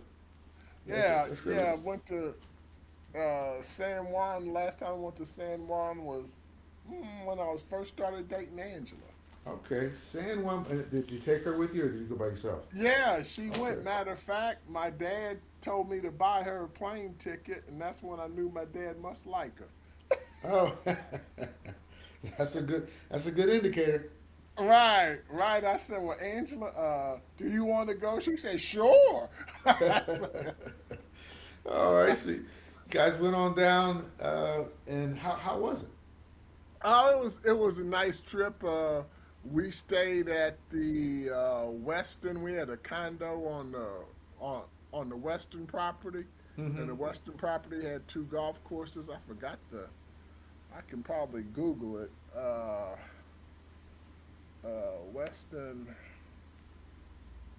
[SPEAKER 2] Yeah,
[SPEAKER 1] That's great.
[SPEAKER 2] yeah. I went to San Juan. Last time I went to San Juan was when I was first started dating Angela.
[SPEAKER 1] Okay, San Juan. Did you take her with you, or did you go by yourself?
[SPEAKER 2] Yeah, she went.
[SPEAKER 1] Okay.
[SPEAKER 2] Matter of fact, my dad told me to buy her a plane ticket, and that's when I knew my dad must like her.
[SPEAKER 1] Oh. That's a good. That's a good indicator.
[SPEAKER 2] Right, right. I said, "Well, Angela, do you want to go?" She said, "Sure." I said,
[SPEAKER 1] All right, so you guys went on down, and how was it?
[SPEAKER 2] oh, it was a nice trip. We stayed at the Western. We had a condo on the on on the Western property,
[SPEAKER 1] Mm-hmm.
[SPEAKER 2] and the Western property had two golf courses. I forgot the. I can probably Google it. Western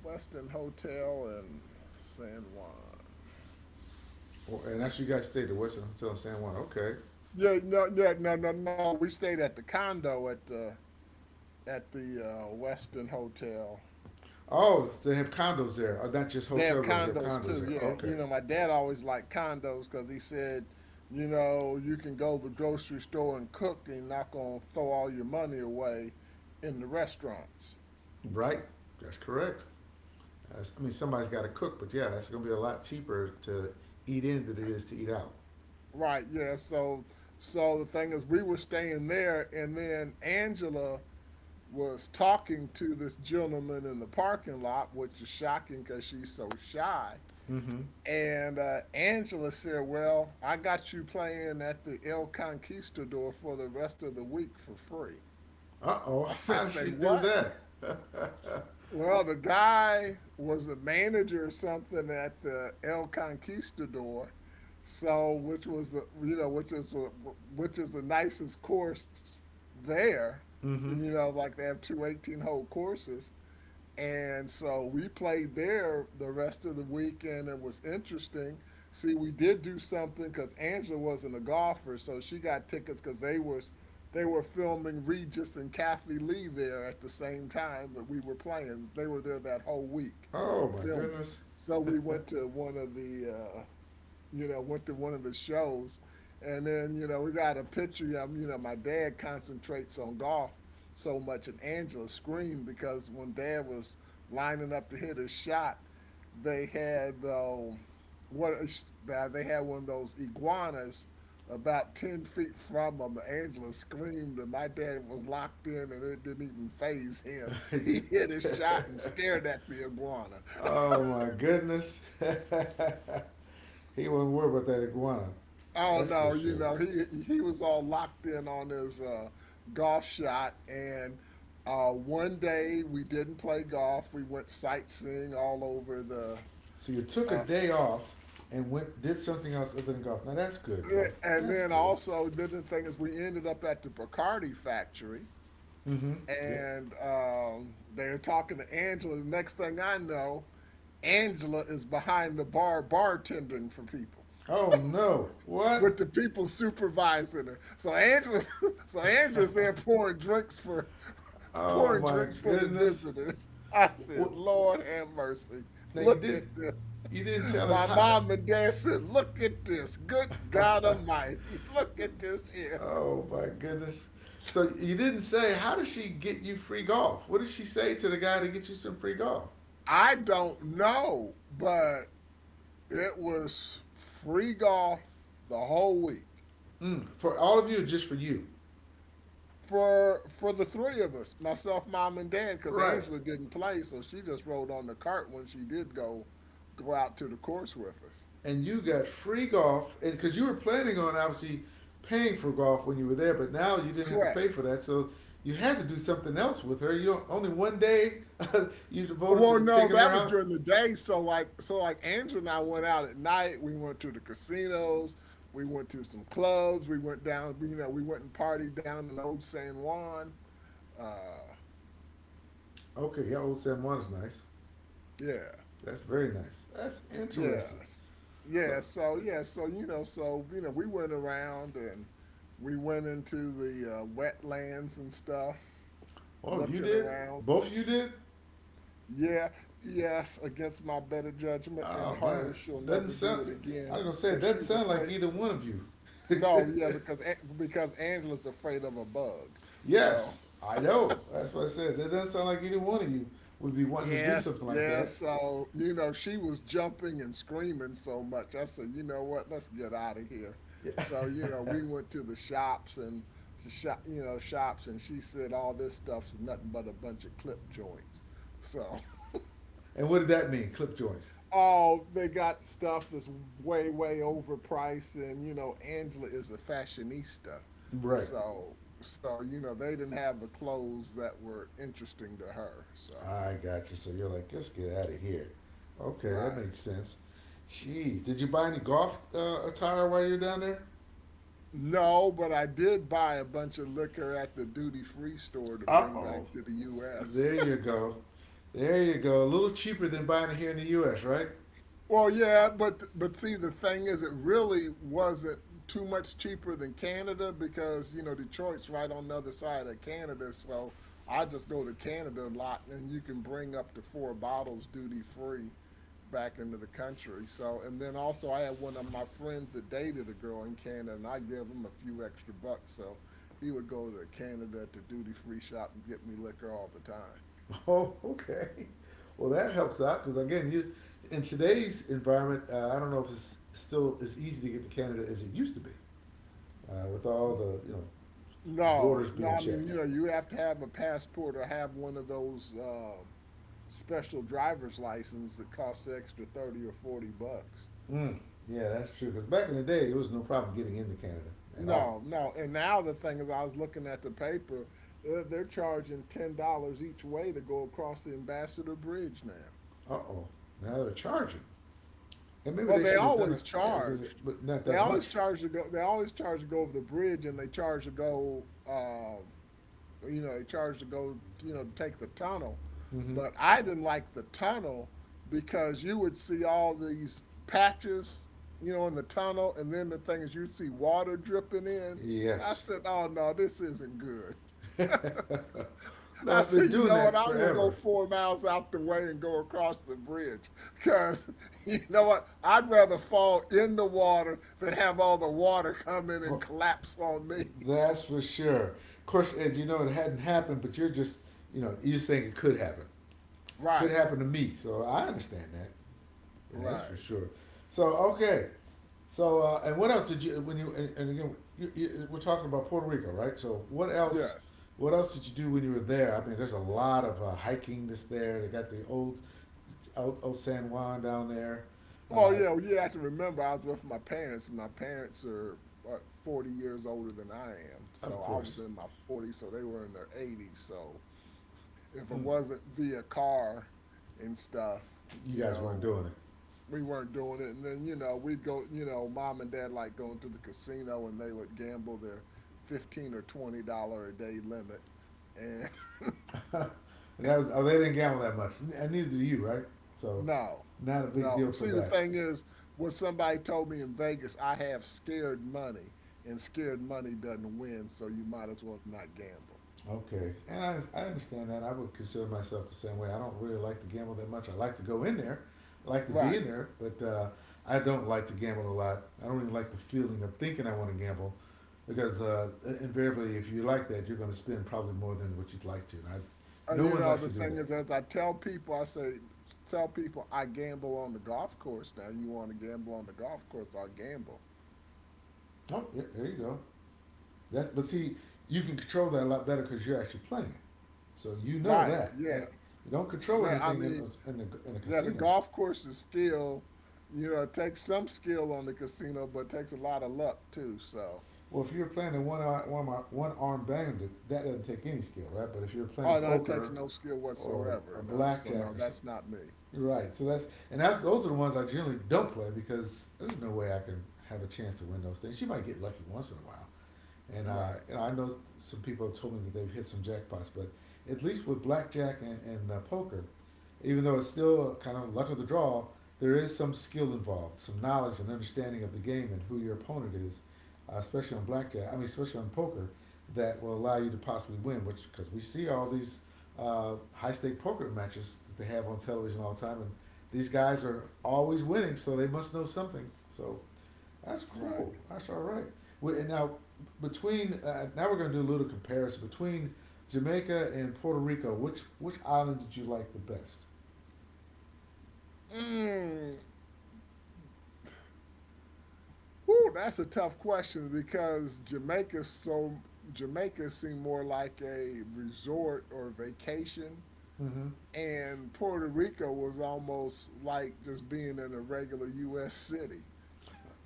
[SPEAKER 2] Hotel in San Juan.
[SPEAKER 1] Well, and that's where you guys stayed, the Western Hotel in San Juan. Okay.
[SPEAKER 2] Yeah, no, no, no, no, no. We stayed at the condo at the at the Western Hotel.
[SPEAKER 1] Oh, they have condos there. Oh, not just
[SPEAKER 2] They
[SPEAKER 1] hotel
[SPEAKER 2] have
[SPEAKER 1] rooms. They have
[SPEAKER 2] condos
[SPEAKER 1] condos
[SPEAKER 2] too,
[SPEAKER 1] there.
[SPEAKER 2] yeah. You
[SPEAKER 1] Okay.
[SPEAKER 2] know, my dad always liked condos because he said, you know, you can go to the grocery store and cook and not gonna throw all your money away in the restaurants.
[SPEAKER 1] Right. That's correct. That's, I mean, somebody's got to cook, but yeah, that's going to be a lot cheaper to eat in than it is to eat out.
[SPEAKER 2] Right, yeah. So the thing is we were staying there and then Angela was talking to this gentleman in the parking lot, which is shocking because she's so shy.
[SPEAKER 1] Mm-hmm.
[SPEAKER 2] And Angela said, well, I got you playing at the El Conquistador for the rest of the week for free.
[SPEAKER 1] Uh oh.
[SPEAKER 2] I said,
[SPEAKER 1] How did
[SPEAKER 2] say
[SPEAKER 1] she do
[SPEAKER 2] what?
[SPEAKER 1] that?
[SPEAKER 2] Well, the guy was a manager or something at the El Conquistador. So, which is the nicest course there.
[SPEAKER 1] Mm-hmm.
[SPEAKER 2] You know, like they have two 18 hole courses. And so we played there the rest of the weekend. It was interesting. See, we did do something because Angela wasn't a golfer, so she got tickets because they were filming Regis and Kathie Lee there at the same time that we were playing. They were there that whole week
[SPEAKER 1] Oh my
[SPEAKER 2] filming.
[SPEAKER 1] goodness.
[SPEAKER 2] So we went to one of the shows. And then, you know, we got a picture. You know, my dad concentrates on golf so much, and Angela screamed because when dad was lining up to hit his shot, they had what they had one of those iguanas about 10 feet from him. Angela screamed, and my dad was locked in, and it didn't even faze him. He hit his shot and stared at the iguana.
[SPEAKER 1] Oh my goodness. He wasn't worried about that iguana.
[SPEAKER 2] Oh
[SPEAKER 1] That's for
[SPEAKER 2] no, you
[SPEAKER 1] sure.
[SPEAKER 2] know, he was all locked in on his golf shot, and one day we didn't play golf. We went sightseeing all over the
[SPEAKER 1] So you took a
[SPEAKER 2] uh,
[SPEAKER 1] day off and went did something else other than golf. Now that's good, Dad.
[SPEAKER 2] and
[SPEAKER 1] That's
[SPEAKER 2] then
[SPEAKER 1] good.
[SPEAKER 2] also then the thing is we ended up at the Bacardi factory
[SPEAKER 1] Mm-hmm. Yep.
[SPEAKER 2] and they're talking to Angela. The next thing I know, Angela is behind the bar bartending for people,
[SPEAKER 1] Oh no. What?
[SPEAKER 2] with the people supervising her. So Angela, so Angela's there pouring drinks for
[SPEAKER 1] Oh
[SPEAKER 2] pouring
[SPEAKER 1] my
[SPEAKER 2] drinks for the
[SPEAKER 1] goodness.
[SPEAKER 2] visitors. I
[SPEAKER 1] What?
[SPEAKER 2] said, Lord have mercy.
[SPEAKER 1] Now you
[SPEAKER 2] Look
[SPEAKER 1] did.
[SPEAKER 2] at this.
[SPEAKER 1] You didn't tell us
[SPEAKER 2] My
[SPEAKER 1] how
[SPEAKER 2] mom and dad said, look at this. Good
[SPEAKER 1] to.
[SPEAKER 2] God Almighty. Look at this here.
[SPEAKER 1] Oh my goodness. So you didn't say, how does she get you free golf? What did she say to the guy to get you some free golf?
[SPEAKER 2] I don't know, but it was free golf the whole week.
[SPEAKER 1] Mm, for all of you, just for you,
[SPEAKER 2] For the three of us, myself, mom, and dad, because
[SPEAKER 1] right?
[SPEAKER 2] Angela didn't play, so she just rode on the cart when she did go out to the course with us.
[SPEAKER 1] And you got free golf, and because you were planning on obviously paying for golf when you were there, but now you didn't have to
[SPEAKER 2] Correct.
[SPEAKER 1] pay for that, so you had to do something else with her. You only one day you devoted
[SPEAKER 2] Well,
[SPEAKER 1] to
[SPEAKER 2] no,
[SPEAKER 1] taking her
[SPEAKER 2] that was
[SPEAKER 1] out.
[SPEAKER 2] during the day. So like Angela and I went out at night. We went to the casinos. We went to some clubs. We went down. You know, we went and partied down in Old San Juan. Uh,
[SPEAKER 1] Okay, yeah, old San Juan is nice.
[SPEAKER 2] yeah.
[SPEAKER 1] That's very nice. That's interesting.
[SPEAKER 2] Yes.
[SPEAKER 1] Huh.
[SPEAKER 2] Yeah, so yeah, we went around and we went into the wetlands and stuff,
[SPEAKER 1] Oh, you
[SPEAKER 2] looking
[SPEAKER 1] did?
[SPEAKER 2] around.
[SPEAKER 1] Both of you did?
[SPEAKER 2] Yeah, yes, against my better judgment and
[SPEAKER 1] Oh my,
[SPEAKER 2] her, she'll
[SPEAKER 1] doesn't
[SPEAKER 2] never do it
[SPEAKER 1] sound. I was
[SPEAKER 2] again
[SPEAKER 1] gonna say it
[SPEAKER 2] because
[SPEAKER 1] doesn't
[SPEAKER 2] she's
[SPEAKER 1] sound like
[SPEAKER 2] afraid.
[SPEAKER 1] either one of you.
[SPEAKER 2] No, yeah, because Angela's afraid of a bug. So
[SPEAKER 1] Yes, I know. That's what I said. That doesn't sound like either one of you would be wanting to do
[SPEAKER 2] yes,
[SPEAKER 1] something like that.
[SPEAKER 2] yes. So, you know, she was jumping and screaming so much. I said, you know what, let's get out of here. So, you know,
[SPEAKER 1] Yeah.
[SPEAKER 2] we went to the shops and the shop, you know, shops, and she said all this stuff's nothing but a bunch of clip joints. So,
[SPEAKER 1] And what did that mean? Clip joints.
[SPEAKER 2] oh, they got stuff that's way, way overpriced, and you know, Angela is a fashionista,
[SPEAKER 1] Right.
[SPEAKER 2] so you know they didn't have the clothes that were interesting to her. So,
[SPEAKER 1] I got you. So you're like, let's get out of here. Okay, that
[SPEAKER 2] right.
[SPEAKER 1] makes sense. Jeez, did you buy any golf attire while you're down there?
[SPEAKER 2] No, but I did buy a bunch of liquor at the duty free store to
[SPEAKER 1] Uh
[SPEAKER 2] bring back
[SPEAKER 1] oh.
[SPEAKER 2] to the U.S.
[SPEAKER 1] There you go. There you go. A little cheaper than buying it here in the U.S., right?
[SPEAKER 2] Well, yeah, but see, the thing is, it really wasn't too much cheaper than Canada because you know Detroit's right on the other side of Canada, so I just go to Canada a lot, and you can bring up to four bottles duty free back into the country. So, and then also I had one of my friends that dated a girl in Canada, and I gave him a few extra bucks, so he would go to Canada to duty free shop and get me liquor all the time.
[SPEAKER 1] Oh, okay. Well, that helps out because again, you in today's environment, I don't know if it's still as easy to get to Canada as it used to be, with all the
[SPEAKER 2] No,
[SPEAKER 1] borders
[SPEAKER 2] no,
[SPEAKER 1] being
[SPEAKER 2] I mean,
[SPEAKER 1] checked.
[SPEAKER 2] you know, you have to have a passport or have one of those special driver's license that costs an extra 30 or $40.
[SPEAKER 1] Mm, yeah, that's true. Because back in the day, it was no problem getting into Canada at all.
[SPEAKER 2] No, no. And now the thing is, I was looking at the paper, they're charging $10 each way to go across the Ambassador Bridge now.
[SPEAKER 1] Uh oh, now they're charging, and maybe
[SPEAKER 2] Well,
[SPEAKER 1] they
[SPEAKER 2] they
[SPEAKER 1] should have done it.
[SPEAKER 2] always
[SPEAKER 1] Yeah, because
[SPEAKER 2] charged.
[SPEAKER 1] but not
[SPEAKER 2] They
[SPEAKER 1] that
[SPEAKER 2] always
[SPEAKER 1] much.
[SPEAKER 2] charge to go. They always charge to go over the bridge, and they charge to go. You know, charged to go, you know, to take the tunnel.
[SPEAKER 1] Mm-hmm.
[SPEAKER 2] But I didn't like the tunnel because you would see all these patches, you know, in the tunnel, and then the thing is you'd see water dripping in. I
[SPEAKER 1] Yes.
[SPEAKER 2] said, oh no, this isn't good. I
[SPEAKER 1] That's been
[SPEAKER 2] said, you
[SPEAKER 1] doing
[SPEAKER 2] know what?
[SPEAKER 1] that
[SPEAKER 2] I'm gonna go
[SPEAKER 1] forever.
[SPEAKER 2] 4 miles out the way and go across the bridge, cause you know what? I'd rather fall in the water than have all the water come in and
[SPEAKER 1] For
[SPEAKER 2] collapse on me.
[SPEAKER 1] That's for sure. Of course, Ed, you know it hadn't happened, but you're just, you're saying it could happen. Could
[SPEAKER 2] Right,
[SPEAKER 1] happen to me, so I understand that. Yeah, that's for
[SPEAKER 2] right.
[SPEAKER 1] sure. So okay, so and what else did you when you and again we're talking about Puerto Rico, right? So what else?
[SPEAKER 2] Yes.
[SPEAKER 1] What else did you do when you were there? I mean, there's a lot of hiking that's there. They got the old San Juan down there.
[SPEAKER 2] Well,
[SPEAKER 1] Uh,
[SPEAKER 2] yeah, well, you have to remember, I was with my parents. My parents are what, 40 years older than I am.
[SPEAKER 1] of
[SPEAKER 2] So I was
[SPEAKER 1] course,
[SPEAKER 2] in my 40s, so they were in their 80s. So if it
[SPEAKER 1] mm,
[SPEAKER 2] wasn't via car and stuff,
[SPEAKER 1] you
[SPEAKER 2] you
[SPEAKER 1] guys weren't
[SPEAKER 2] know,
[SPEAKER 1] doing it.
[SPEAKER 2] we weren't doing it. And then, you know, we'd go, you know, mom and dad like going to the casino and they would gamble their 15 or $20 a day limit. And
[SPEAKER 1] that was oh they didn't gamble that much, and neither do you, right? So,
[SPEAKER 2] no,
[SPEAKER 1] not a big
[SPEAKER 2] no.
[SPEAKER 1] deal for
[SPEAKER 2] See, the
[SPEAKER 1] that.
[SPEAKER 2] thing is, what somebody told me in Vegas, I have scared money, and scared money doesn't win, so you might as well not gamble.
[SPEAKER 1] Okay, and I understand that. I would consider myself the same way. I don't really like to gamble that much. I like to go in there, I like to be
[SPEAKER 2] Right.
[SPEAKER 1] in there, but I don't like to gamble a lot. I don't even like the feeling of thinking I want to gamble, because invariably, if you like that, you're going to spend probably more than what you'd like to. No
[SPEAKER 2] You
[SPEAKER 1] one
[SPEAKER 2] know,
[SPEAKER 1] likes
[SPEAKER 2] the
[SPEAKER 1] to do
[SPEAKER 2] thing
[SPEAKER 1] that.
[SPEAKER 2] is, as I tell people, I say, tell people I gamble on the golf course. Now, you want to gamble on the golf course, I'll gamble.
[SPEAKER 1] Oh, yeah, there you go. But see, you can control that a lot better because you're actually playing it. So you know
[SPEAKER 2] Right.
[SPEAKER 1] that,
[SPEAKER 2] Yeah.
[SPEAKER 1] right? You don't control
[SPEAKER 2] Right. I
[SPEAKER 1] anything
[SPEAKER 2] mean,
[SPEAKER 1] in a
[SPEAKER 2] yeah, the
[SPEAKER 1] casino.
[SPEAKER 2] golf course is still, you know, it takes some skill on the casino, but it takes a lot of luck too. So,
[SPEAKER 1] Well, if you're playing a one arm bandit, that doesn't take any skill, right? But if you're playing
[SPEAKER 2] oh no, it takes
[SPEAKER 1] poker
[SPEAKER 2] no skill
[SPEAKER 1] or
[SPEAKER 2] whatsoever. No, so no,
[SPEAKER 1] blackjack or something,
[SPEAKER 2] that's not me.
[SPEAKER 1] you're right. So that's and that's those are the ones I generally don't play because there's no way I can have a chance to win those things. You might get lucky once in a while, and
[SPEAKER 2] Right,
[SPEAKER 1] I know some people have told me that they've hit some jackpots, but at least with blackjack and poker, even though it's still kind of luck of the draw, there is some skill involved, some knowledge and understanding of the game and who your opponent is, especially on blackjack. I mean, especially on poker, that will allow you to possibly win. Which because we see all these high stake poker matches that they have on television all the time, and these guys are always winning, so they must know something. So that's
[SPEAKER 2] right.
[SPEAKER 1] cool. That's all right. And now between now we're going to do a little comparison between Jamaica and Puerto Rico. Which island did you like the best?
[SPEAKER 2] Mm. Whew, that's a tough question because Jamaica seemed more like a resort or vacation,
[SPEAKER 1] Mm-hmm.
[SPEAKER 2] and Puerto Rico was almost like just being in a regular U.S. city.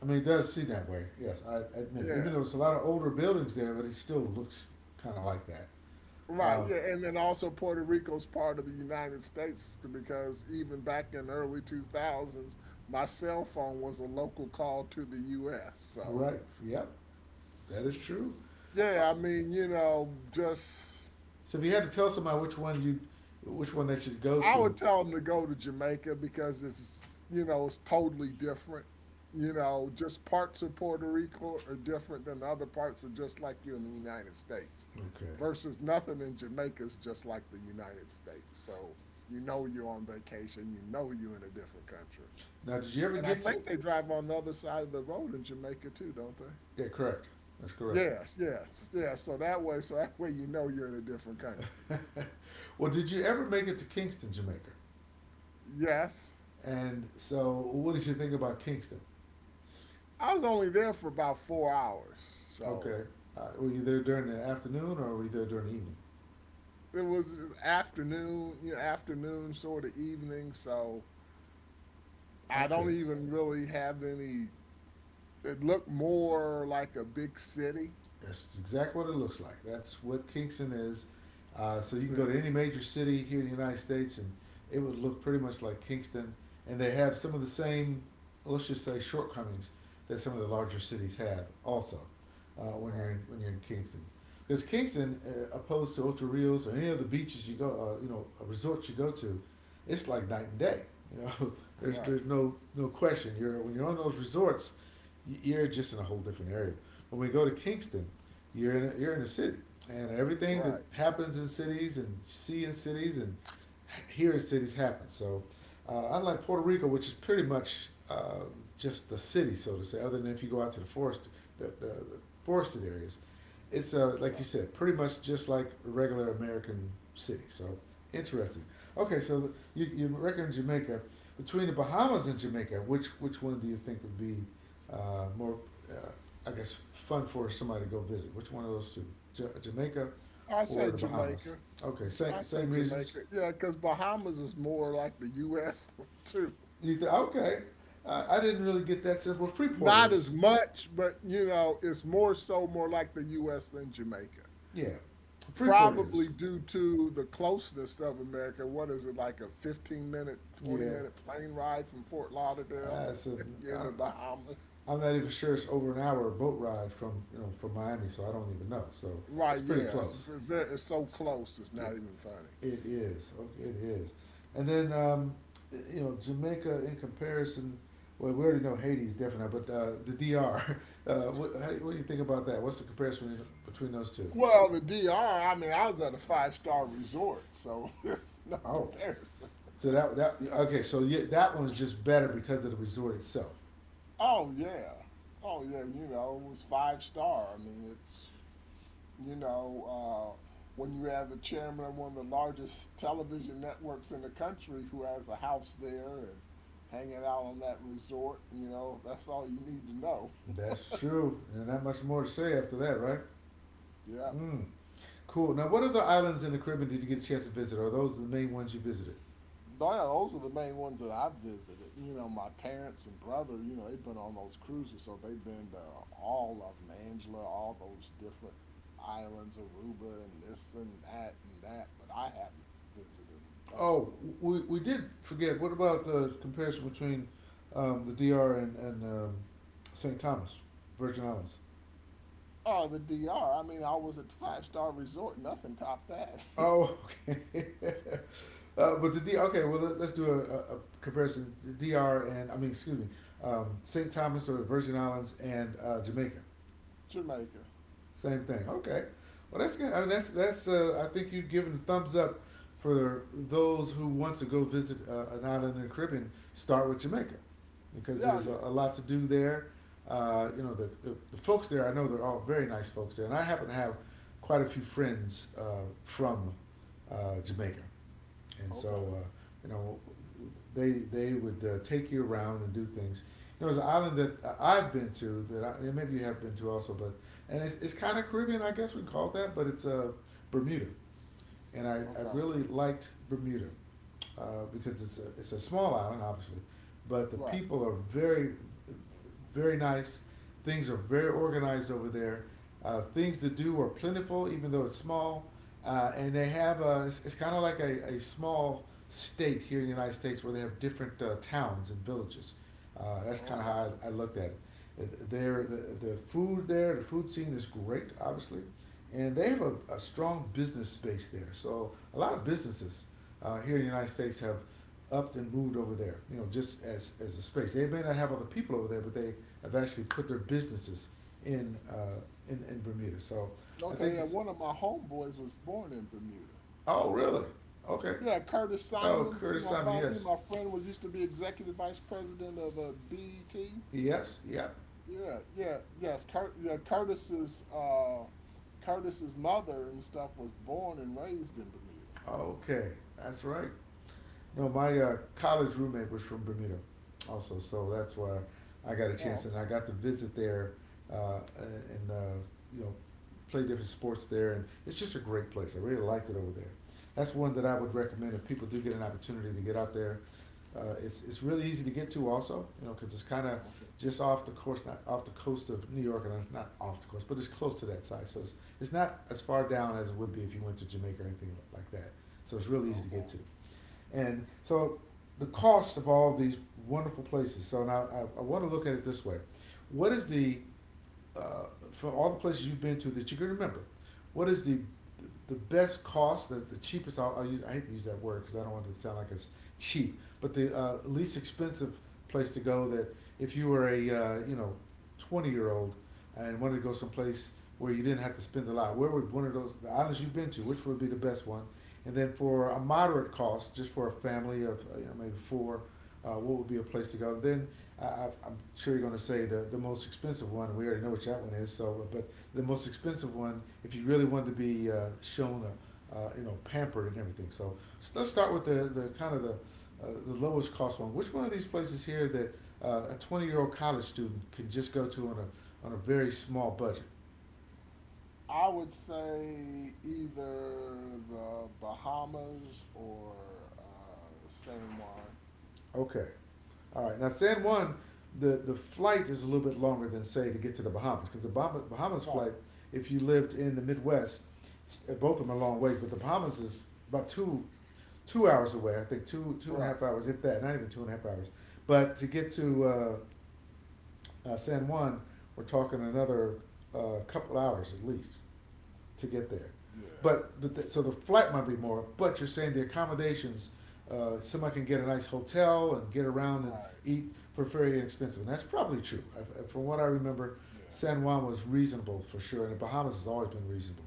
[SPEAKER 1] I mean, it does seem that way. Yes, I admit it. Even
[SPEAKER 2] Yeah,
[SPEAKER 1] though it's a lot of older buildings there, but it still looks kind of like that.
[SPEAKER 2] right,
[SPEAKER 1] Uh,
[SPEAKER 2] yeah, and then also Puerto Rico's part of the United States because even back in the early 2000s, my cell phone was a local call to the US. So,
[SPEAKER 1] right. Yep. That is true. Oh,
[SPEAKER 2] yeah, I mean, you know, just
[SPEAKER 1] so if you had to tell somebody which one they should go
[SPEAKER 2] I
[SPEAKER 1] to.
[SPEAKER 2] would tell them to go to Jamaica because it's you know it's totally different. You know, just parts of Puerto Rico are different than other parts are just like you in the United States,
[SPEAKER 1] Okay.
[SPEAKER 2] versus nothing in Jamaica is just like the United States. So you know you're on vacation, you know you're in a different country.
[SPEAKER 1] Now, did you ever
[SPEAKER 2] And I
[SPEAKER 1] get to?
[SPEAKER 2] think they drive on the other side of the road in Jamaica too, don't they?
[SPEAKER 1] Yeah, correct. That's correct.
[SPEAKER 2] Yes. So that way you know you're in a different country.
[SPEAKER 1] Well, did you ever make it to Kingston, Jamaica?
[SPEAKER 2] Yes.
[SPEAKER 1] And so, what did you think about Kingston?
[SPEAKER 2] I was only there for about 4 hours, so
[SPEAKER 1] Okay. Were you there during the afternoon or were you there during the evening?
[SPEAKER 2] it was afternoon, you know, afternoon sort of evening. So I
[SPEAKER 1] Okay.
[SPEAKER 2] don't even really have any. It looked more like a big city.
[SPEAKER 1] That's exactly what it looks like. That's what Kingston is. So you
[SPEAKER 2] Yeah,
[SPEAKER 1] can go to any major city here in the United States, and it would look pretty much like Kingston. And they have some of the same, let's just say, shortcomings that some of the larger cities have. Also, when you're
[SPEAKER 2] right,
[SPEAKER 1] in, Kingston, because Kingston, opposed to Ocho Rios or any of the beaches you go, resorts you go to, it's like night and day. You know,
[SPEAKER 2] right,
[SPEAKER 1] there's no question. You're When you're on those resorts, you're just in a whole different area. When we go to Kingston, you're in a city, and everything that
[SPEAKER 2] right,
[SPEAKER 1] happens in cities and see in cities and hear in cities happens. So, unlike Puerto Rico, which is pretty much just the city, so to say, other than if you go out to the forest, the forested areas, it's like you
[SPEAKER 2] right.
[SPEAKER 1] said, pretty much just like a regular American city. So, interesting. Okay, so you reckon Jamaica. Between the Bahamas and Jamaica, which one do you think would be more, uh, I guess, fun for somebody to go visit. Which one of those two, Jamaica
[SPEAKER 2] I
[SPEAKER 1] or
[SPEAKER 2] say
[SPEAKER 1] the Bahamas?
[SPEAKER 2] Jamaica.
[SPEAKER 1] Okay,
[SPEAKER 2] I say
[SPEAKER 1] same reasons.
[SPEAKER 2] Jamaica. Yeah, because Bahamas is more like the U.S. too.
[SPEAKER 1] You think okay? I didn't really get that sense. Well,
[SPEAKER 2] Not as much, but you know, it's more so more like the U.S. than Jamaica,
[SPEAKER 1] yeah, Freeport
[SPEAKER 2] probably
[SPEAKER 1] is,
[SPEAKER 2] due to the closeness of America. What is it like a 15 minute, 20
[SPEAKER 1] yeah.
[SPEAKER 2] minute plane ride from Fort Lauderdale?
[SPEAKER 1] It's a,
[SPEAKER 2] You're
[SPEAKER 1] I,
[SPEAKER 2] in the
[SPEAKER 1] don't- I,
[SPEAKER 2] Bahamas.
[SPEAKER 1] I'm not even sure it's over an hour boat ride from from Miami, so I don't even know. So it's
[SPEAKER 2] Right,
[SPEAKER 1] pretty
[SPEAKER 2] yeah,
[SPEAKER 1] close.
[SPEAKER 2] it's so close, it's
[SPEAKER 1] Yeah,
[SPEAKER 2] not even funny.
[SPEAKER 1] it is. Okay, it is. And then you know Jamaica in comparison. Well, we already know Haiti's different now, but the DR. What do you think about that? What's the comparison between those two?
[SPEAKER 2] Well, the DR, I mean, I was at a five-star resort, so it's no
[SPEAKER 1] Oh,
[SPEAKER 2] comparison.
[SPEAKER 1] so that that okay. So yeah, that one's just better because of the resort itself.
[SPEAKER 2] Oh, yeah. Oh, yeah, you know, it was five star. I mean, it's You know, uh, when you have the chairman of one of the largest television networks in the country who has a house there and hanging out on that resort, that's all you need to know.
[SPEAKER 1] That's true. And not much more to say after that, right?
[SPEAKER 2] Yeah.
[SPEAKER 1] Mm, cool. Now, what other islands in the Caribbean did you get a chance to visit? Are those the main ones you visited?
[SPEAKER 2] Yeah, those are the main ones that I've visited. My parents and brother, they've been on those cruises, so they've been to all of them, Angela, all those different islands, Aruba, and this and that, but I haven't visited them
[SPEAKER 1] Oh,
[SPEAKER 2] personally.
[SPEAKER 1] we did forget. What about the comparison between the DR and St. Thomas, Virgin Islands?
[SPEAKER 2] Oh, the DR. I mean, I was at five-star resort. Nothing topped that.
[SPEAKER 1] Oh, okay. But the D. Okay, well let, us do a comparison. The DR and I mean, excuse me, St. Thomas or Virgin Islands and Jamaica.
[SPEAKER 2] Jamaica.
[SPEAKER 1] Same thing. Okay. Well, that's good. I mean, that's that's. I think you've given a thumbs up for those who want to go visit an island in the Caribbean. Start with Jamaica, because
[SPEAKER 2] Yeah, oh,
[SPEAKER 1] there's
[SPEAKER 2] yeah.
[SPEAKER 1] a lot to do there. The folks there. I know they're all very nice folks there, and I happen to have quite a few friends from Jamaica and
[SPEAKER 2] Okay.
[SPEAKER 1] so you know they would take you around and do things. You know, there's an island that I have been to maybe you have been to also, but and it's, kind of Caribbean, I guess we call it that, but it's Bermuda and I
[SPEAKER 2] Okay.
[SPEAKER 1] really liked Bermuda uh, because it's a small island, obviously, but the
[SPEAKER 2] Right.
[SPEAKER 1] people are very, very nice. Things are very organized over there. Things to do are plentiful, even though it's small. And they have it's kind of like a small state here in the United States where they have different towns and villages. That's kind of
[SPEAKER 2] Okay.
[SPEAKER 1] how I looked at it. Uh, the the food scene is great, obviously and they have a strong business space there. So a lot of businesses here in the United States have upped and moved over there. You know, just as a space. They may not have other people over there, but they have actually put their businesses in in Bermuda. So I think
[SPEAKER 2] Okay. Yeah.
[SPEAKER 1] it's
[SPEAKER 2] One of my homeboys was born in Bermuda.
[SPEAKER 1] oh really okay.
[SPEAKER 2] Yeah, Curtis
[SPEAKER 1] Oh,
[SPEAKER 2] Simons,
[SPEAKER 1] Curtis
[SPEAKER 2] my
[SPEAKER 1] Simon,
[SPEAKER 2] bond,
[SPEAKER 1] yes,
[SPEAKER 2] my friend was used to be executive vice president of BET.
[SPEAKER 1] yes, yep.
[SPEAKER 2] Yeah, yeah, yes. Curtis's Curtis's mother and stuff was born and raised in Bermuda.
[SPEAKER 1] Okay, that's right. No, my college roommate was from Bermuda, also, so that's why I got a chance,
[SPEAKER 2] Oh,
[SPEAKER 1] and I
[SPEAKER 2] okay,
[SPEAKER 1] got to visit there, and you know, play different sports there, and it's just a great place. I really liked it over there. That's one that I would recommend if people do get an opportunity to get out there. It's really easy to get to, also, you know, because it's kind of
[SPEAKER 2] okay,
[SPEAKER 1] just off the course, not off the coast of New York, and not off the coast, but it's close to that side, so it's not as far down as it would be if you went to Jamaica or anything like that. So it's really easy to
[SPEAKER 2] okay,
[SPEAKER 1] get to. And so the cost of all these wonderful places. So now I want to look at it this way: what is the uh, from all the places you've been to that you can remember, what is the best cost, the cheapest? I'll use, I hate to use that word because I don't want it to sound like it's cheap, but the least expensive place to go that if you were a you know 20 old and wanted to go someplace where you didn't have to spend a lot, where would one of those the islands you've been to, which would be the best one? And then for a moderate cost, just for a family of you know maybe four, what would be a place to go? Then I'm sure you're going to say the most expensive one. We already know what that one is. So, but the most expensive one, if you really wanted to be shown, you know, pampered and everything. So, let's start with the kind of the, the lowest cost one. Which one of these places here that a 20-year-old college student can just go to on a very small budget?
[SPEAKER 2] I would say either the Bahamas or uh, San Juan.
[SPEAKER 1] Okay. All right. Now, San Juan, the flight is a little bit longer than, say, to get to the Bahamas, because the Bahamas
[SPEAKER 2] Right,
[SPEAKER 1] flight, if you lived in the Midwest, both of them are long ways, but the Bahamas is about two hours away, I think two and a
[SPEAKER 2] right,
[SPEAKER 1] half hours, if that, not even 2.5 hours. But to get to San Juan, we're talking another couple hours at least to get there.
[SPEAKER 2] yeah,
[SPEAKER 1] But, so the flight might be more, but you're saying the accommodations, somebody can get a nice hotel and get around and
[SPEAKER 2] right,
[SPEAKER 1] eat for very inexpensive. And that's probably true. I, from what I remember,
[SPEAKER 2] yeah,
[SPEAKER 1] San Juan was reasonable for sure, and the Bahamas has always been reasonable.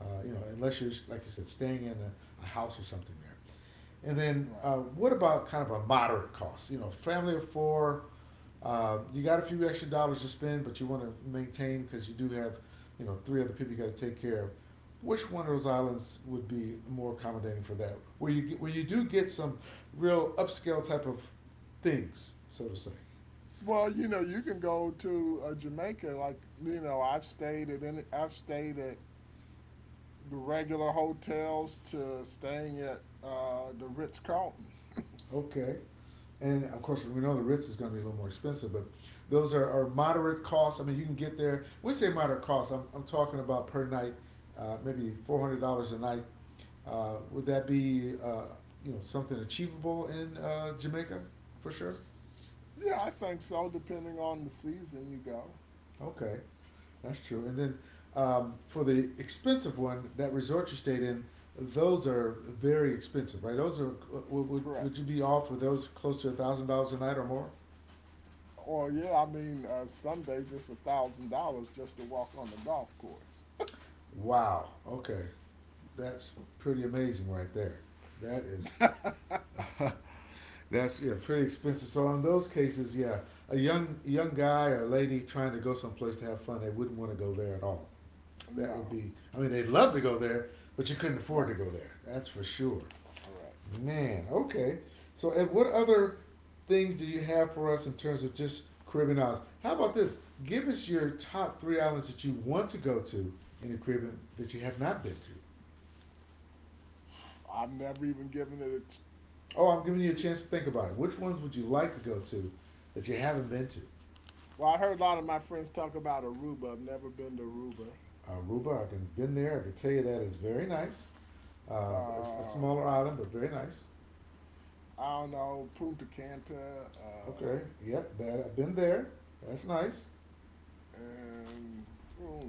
[SPEAKER 1] You know, unless you're, like I said, staying in a house or something there. And then
[SPEAKER 2] right.
[SPEAKER 1] what about kind of a moderate cost? You know, family of four, you got a few extra dollars to spend, but you want to maintain because you do have, you know, three other people you got to take care of. Which one of those islands would be more accommodating for that? Where you get, where you do get some real upscale type of things, so to say.
[SPEAKER 2] Well, you can go to Jamaica. Like, I've stayed at I've stayed at the regular hotels to staying at the Ritz Carlton.
[SPEAKER 1] Okay. And of course, we know the Ritz is going to be a little more expensive, but those are moderate costs. I mean, you can get there. When I say moderate costs, I'm talking about per night, maybe $400 a night. Would that be you know, something achievable in Jamaica for sure?
[SPEAKER 2] Yeah, I think so. Depending on the season you go.
[SPEAKER 1] Okay. That's true. And then for the expensive one, that resort you stayed in, those are very expensive, right? Those are, would
[SPEAKER 2] Correct.
[SPEAKER 1] you be all for those close to a $1,000 a night or more?
[SPEAKER 2] Well, yeah, I mean, some days it's $1,000 just to walk on the golf course.
[SPEAKER 1] Wow. Okay. That's pretty amazing right there. That is that's yeah, pretty expensive. So in those cases, yeah, a young guy or lady trying to go someplace to have fun, they wouldn't want to go there at all. That would
[SPEAKER 2] No,
[SPEAKER 1] be I mean, they'd love to go there, but you couldn't afford
[SPEAKER 2] right,
[SPEAKER 1] to go there. That's for sure.
[SPEAKER 2] correct.
[SPEAKER 1] Man, okay. So and what other things do you have for us in terms of just Caribbean islands? How about this? Give us your top three islands that you want to go to in the Caribbean that you have not been to.
[SPEAKER 2] I've never even given it a. T-
[SPEAKER 1] Oh, I'm giving you a chance to think about it. Which ones would you like to go to that you haven't been to?
[SPEAKER 2] Well, I heard a lot of my friends talk about Aruba. I've never been to Aruba.
[SPEAKER 1] Aruba, I've been there. I can tell you that is very nice. It's a
[SPEAKER 2] Uh,
[SPEAKER 1] smaller island, but very nice.
[SPEAKER 2] I don't know Punta Cana,
[SPEAKER 1] Okay, yep, that I've been there. That's nice.
[SPEAKER 2] and hmm,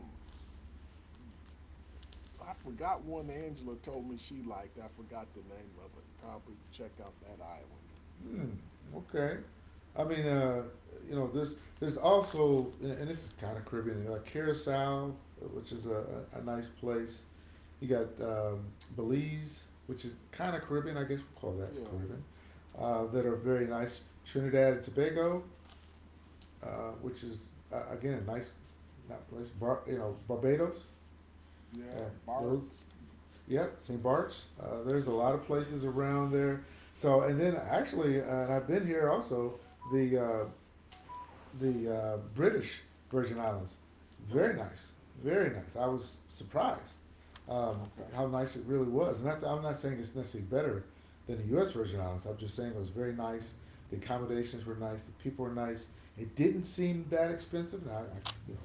[SPEAKER 2] I forgot one. Angela told me she liked. I forgot the name of it. Probably check out that island.
[SPEAKER 1] Hmm. Okay. I mean, you know, there's also, and this is kind of Caribbean, like Curacao, which is a nice place. You got Belize, which is kind of Caribbean, I guess we call that
[SPEAKER 2] Yeah,
[SPEAKER 1] Caribbean, that are very nice. Trinidad and Tobago, which is again nice, not place. Bar, you know, Barbados, uh,
[SPEAKER 2] yeah,
[SPEAKER 1] those.
[SPEAKER 2] Bart's.
[SPEAKER 1] Yep, St. Bart's. There's a
[SPEAKER 2] Yeah,
[SPEAKER 1] lot of places around there. So, and then actually, and I've been here also. The uh, the British Virgin Islands. Very
[SPEAKER 2] right.
[SPEAKER 1] nice, very nice. I was surprised um,
[SPEAKER 2] Okay,
[SPEAKER 1] how nice it really was. And that's, I'm not saying it's necessarily better than the U.S. Virgin Islands. I'm just saying it was very nice. The accommodations were nice. The people were nice. It didn't seem that expensive. Now, I, you know,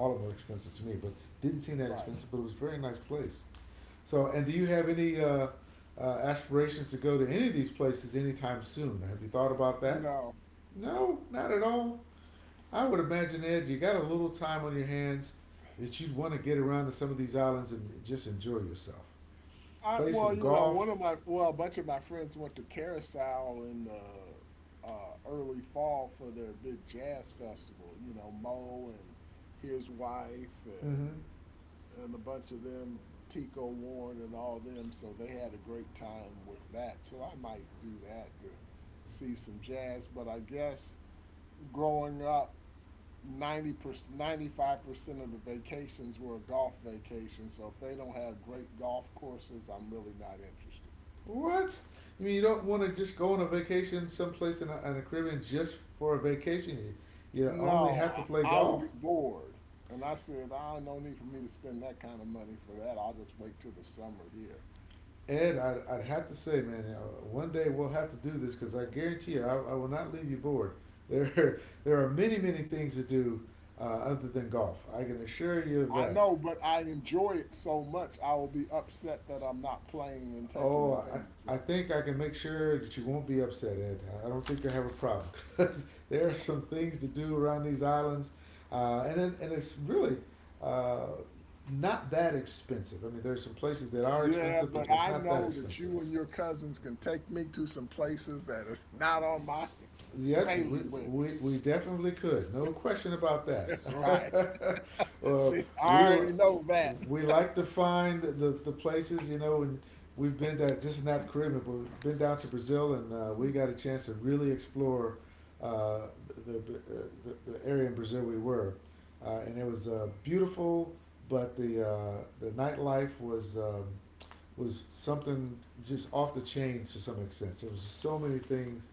[SPEAKER 1] all of them were expensive to me, but didn't seem that
[SPEAKER 2] right.
[SPEAKER 1] expensive. But it was a very nice place. So, and do you have any aspirations to go to any of these places anytime soon? Have you thought about that?
[SPEAKER 2] No.
[SPEAKER 1] No, not at all. I would imagine, Ed, you got a little time on your hands that you'd want to get around to some of these islands and just enjoy yourself.
[SPEAKER 2] I
[SPEAKER 1] Play
[SPEAKER 2] well,
[SPEAKER 1] some
[SPEAKER 2] you know,
[SPEAKER 1] golf.
[SPEAKER 2] One of my, well, a bunch of my friends went to Carousel in the early fall for their big jazz festival. You know, Mo and his wife
[SPEAKER 1] Mm-hmm.
[SPEAKER 2] and a bunch of them, Tico Warren and all them. So they had a great time with that. So I might do that to see some jazz. But I guess growing up, 90%, 95% of the vacations were a golf vacation. So if they don't have great golf courses, I'm really not interested.
[SPEAKER 1] What? I mean, you don't want to just go on a vacation someplace in the Caribbean just for a vacation. You only
[SPEAKER 2] No,
[SPEAKER 1] have to play
[SPEAKER 2] I, I will be
[SPEAKER 1] golf?
[SPEAKER 2] bored. And I said, ah, no need for me to spend that kind of money for that. I'll just wait till the summer here.
[SPEAKER 1] Ed, I'd have to say, man, one day we'll have to do this because I guarantee you, I will not leave you bored. There are many, many things to do other than golf. I can assure you of
[SPEAKER 2] I
[SPEAKER 1] that.
[SPEAKER 2] know, but I enjoy it so much. I will be upset that I'm not playing and taking
[SPEAKER 1] Oh,
[SPEAKER 2] advantage
[SPEAKER 1] I
[SPEAKER 2] of it.
[SPEAKER 1] think I can make sure that you won't be upset, Ed. I don't think you have a problem because there are some things to do around these islands, and it's really uh, not that expensive. I mean, there's some places that are
[SPEAKER 2] Yeah,
[SPEAKER 1] expensive,
[SPEAKER 2] but
[SPEAKER 1] but there's
[SPEAKER 2] I
[SPEAKER 1] not that
[SPEAKER 2] know that
[SPEAKER 1] expensive.
[SPEAKER 2] you and your cousins can take me to some places that is not on my
[SPEAKER 1] Yes,
[SPEAKER 2] bailiwick.
[SPEAKER 1] we definitely could. No question about
[SPEAKER 2] Right.
[SPEAKER 1] that. uh,
[SPEAKER 2] See, I
[SPEAKER 1] we
[SPEAKER 2] already know that.
[SPEAKER 1] we like to find the places, you know, and we've been to, this is not Caribbean, but we've been down to Brazil and we got a chance to really explore uh, the area in Brazil we were. And it was beautiful, but the nightlife was something just off the chain to some extent. There was just so many things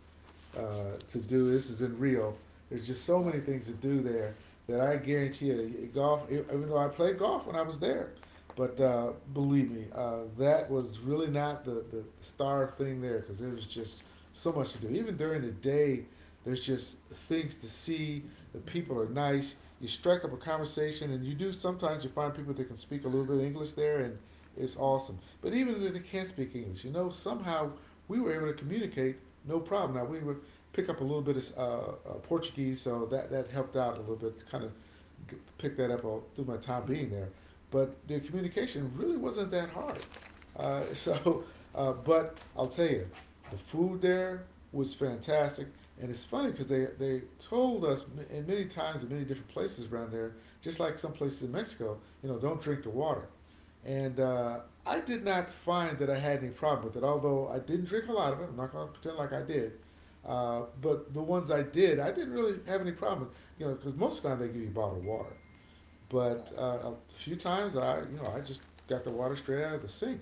[SPEAKER 1] to do. This is in Rio. There's just so
[SPEAKER 2] Right.
[SPEAKER 1] many things to do there that I guarantee you, Even though I played golf when I was there, but
[SPEAKER 2] Right.
[SPEAKER 1] believe me, that was really not the star thing there because there was just so much to do. Even during the day, there's just things to see. The people are nice. You strike up a conversation, and you do sometimes you find people that can speak a little bit of English there, and it's awesome. But even if they can't speak English, you know, somehow we were able to communicate no problem. Now we were pick up a little bit of Portuguese, so that helped out a little bit. Kind of g- pick that up all, through my time being there, but the communication really wasn't that hard. So, but I'll tell you, the food there was fantastic, and it's funny because they told us in many times in many different places around there, just like some places in Mexico, you know, don't drink the water. And I did not find that I had any problem with it, although I didn't drink a lot of it. I'm not going to pretend like I did. But the ones I did, I didn't really have any problem with. Because most of the time they give you bottled water. But
[SPEAKER 2] Okay.
[SPEAKER 1] a few times I just got the water straight out of the sink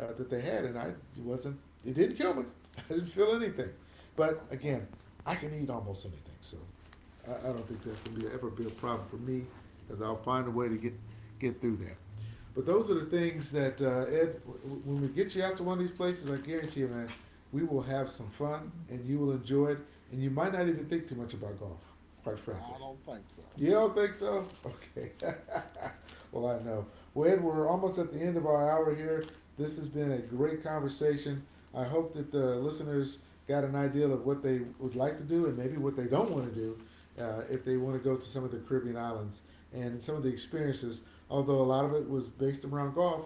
[SPEAKER 1] that they had, and I wasn't. It didn't kill me. I didn't feel anything. But
[SPEAKER 2] Okay.
[SPEAKER 1] again, I can eat almost anything, so I don't think that's gonna be ever be a problem for me, because I'll find a way to get through that. But those are the things that Ed. When we get you out to one of these places, I guarantee you, man, we will have some fun, and you will enjoy it, and you might not even think too much about golf, quite frankly.
[SPEAKER 2] I don't think so.
[SPEAKER 1] You don't think so? Okay. Well, I know. Well, Ed, we're almost at the end of our hour here. This has been a great conversation. I hope that the listeners got an idea of what they would like to do and maybe what they don't want to do if they want to go to some of the Caribbean islands and some of the experiences. Although a lot of it was based around golf,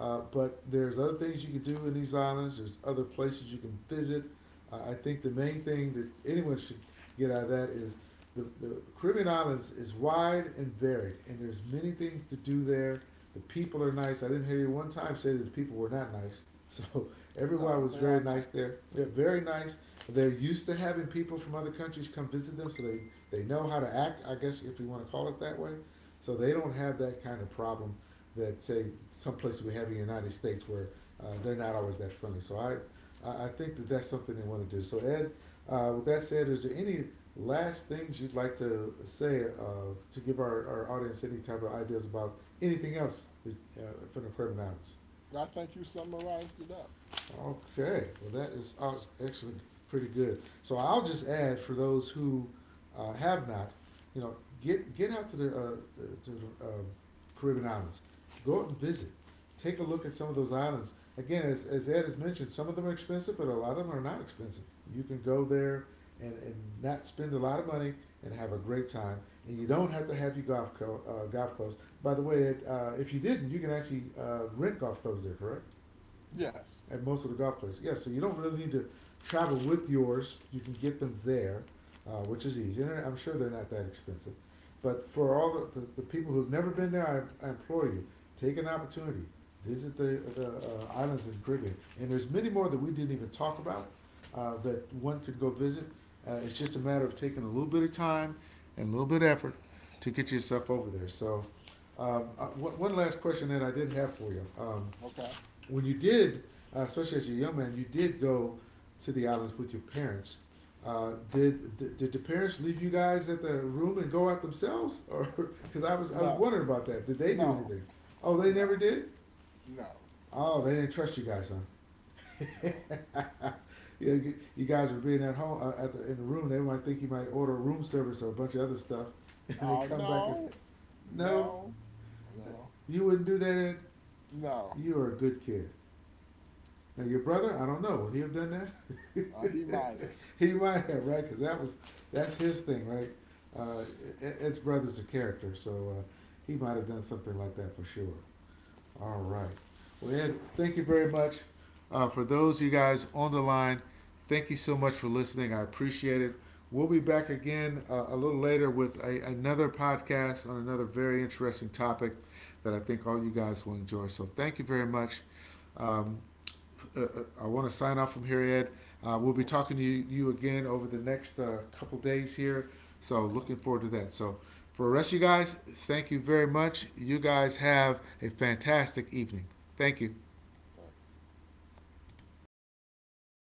[SPEAKER 1] but there's other things you can do in these islands. There's other places you can visit. I think the main thing that anyone should get out of that is the Caribbean islands is wide and varied, and there's many things to do there. The people are nice. I didn't hear you one time say that the people were not nice. So everyone
[SPEAKER 2] No,
[SPEAKER 1] was
[SPEAKER 2] they
[SPEAKER 1] very
[SPEAKER 2] are
[SPEAKER 1] nice
[SPEAKER 2] nice.
[SPEAKER 1] there. They're very nice. They're used to having people from other countries come visit them, so they know how to act. I guess if you want to call it that way. So they don't have that kind of problem that say some places we have in the United States where they're not always that friendly. So I think that that's something they want to do. So Ed, with that said, is there any last things you'd like to say to give our audience any type of ideas about anything else that, uh, from the Carbon Islands?
[SPEAKER 2] But I think you summarized it up.
[SPEAKER 1] Okay, well that is actually pretty good. So I'll just add for those who have not, you know, get out to the Caribbean islands, go out and visit, take a look at some of those islands. Again, as Ed has mentioned, some of them are expensive, but a lot of them are not expensive. You can go there and not spend a lot of money and have a great time. And you don't have to have your golf clubs. By the way, Ed, if you didn't, you can actually rent golf clubs there, correct?
[SPEAKER 2] Yes.
[SPEAKER 1] At most of the golf places. Yeah, so you don't really need to travel with yours. You can get them there, which is easy. And I'm sure they're not that expensive. But for all the people who've never been there, I implore you, take an opportunity. Visit the islands in the Caribbean. And there's many more that we didn't even talk about that one could go visit. It's just a matter of taking a little bit of time and a little bit of effort to get yourself over there. So, one last question that I did have for you.
[SPEAKER 2] Okay.
[SPEAKER 1] When you did, especially as a young man, you did go to the islands with your parents. Did th- did the parents leave you guys at the room and go out themselves, or because I was
[SPEAKER 2] No.
[SPEAKER 1] wondering about that. Did they do
[SPEAKER 2] No.
[SPEAKER 1] anything? Oh, they
[SPEAKER 2] No.
[SPEAKER 1] never did.
[SPEAKER 2] No.
[SPEAKER 1] Oh, they didn't trust you guys, huh?
[SPEAKER 2] No.
[SPEAKER 1] you, you- guys were being at home at in the room. They might think you might order room service or a bunch of other stuff, and they come back and
[SPEAKER 2] No.
[SPEAKER 1] no,
[SPEAKER 2] No. No.
[SPEAKER 1] you wouldn't do that.
[SPEAKER 2] No.
[SPEAKER 1] You are a good kid. Now your brother, I don't know. Would he have done that?
[SPEAKER 2] He might have.
[SPEAKER 1] He might have, right? Because that's his thing, right? Uh,
[SPEAKER 2] Yeah.
[SPEAKER 1] Ed's brother's a character, so he might have done something like that for sure. All right. Well, Ed, thank you very much. For those of you guys on the line, thank you so much for listening. I appreciate it. We'll be back again a little later with another podcast on another very interesting topic that I think all you guys will enjoy. So thank you very much. Um, uh, uh, I want to sign off from here, Ed. We'll be
[SPEAKER 2] Okay.
[SPEAKER 1] talking to you again over the next couple days here. So
[SPEAKER 2] Okay.
[SPEAKER 1] looking forward to that. So for the rest of you guys, thank you very much. You guys have a fantastic evening. Thank you.
[SPEAKER 2] Thanks.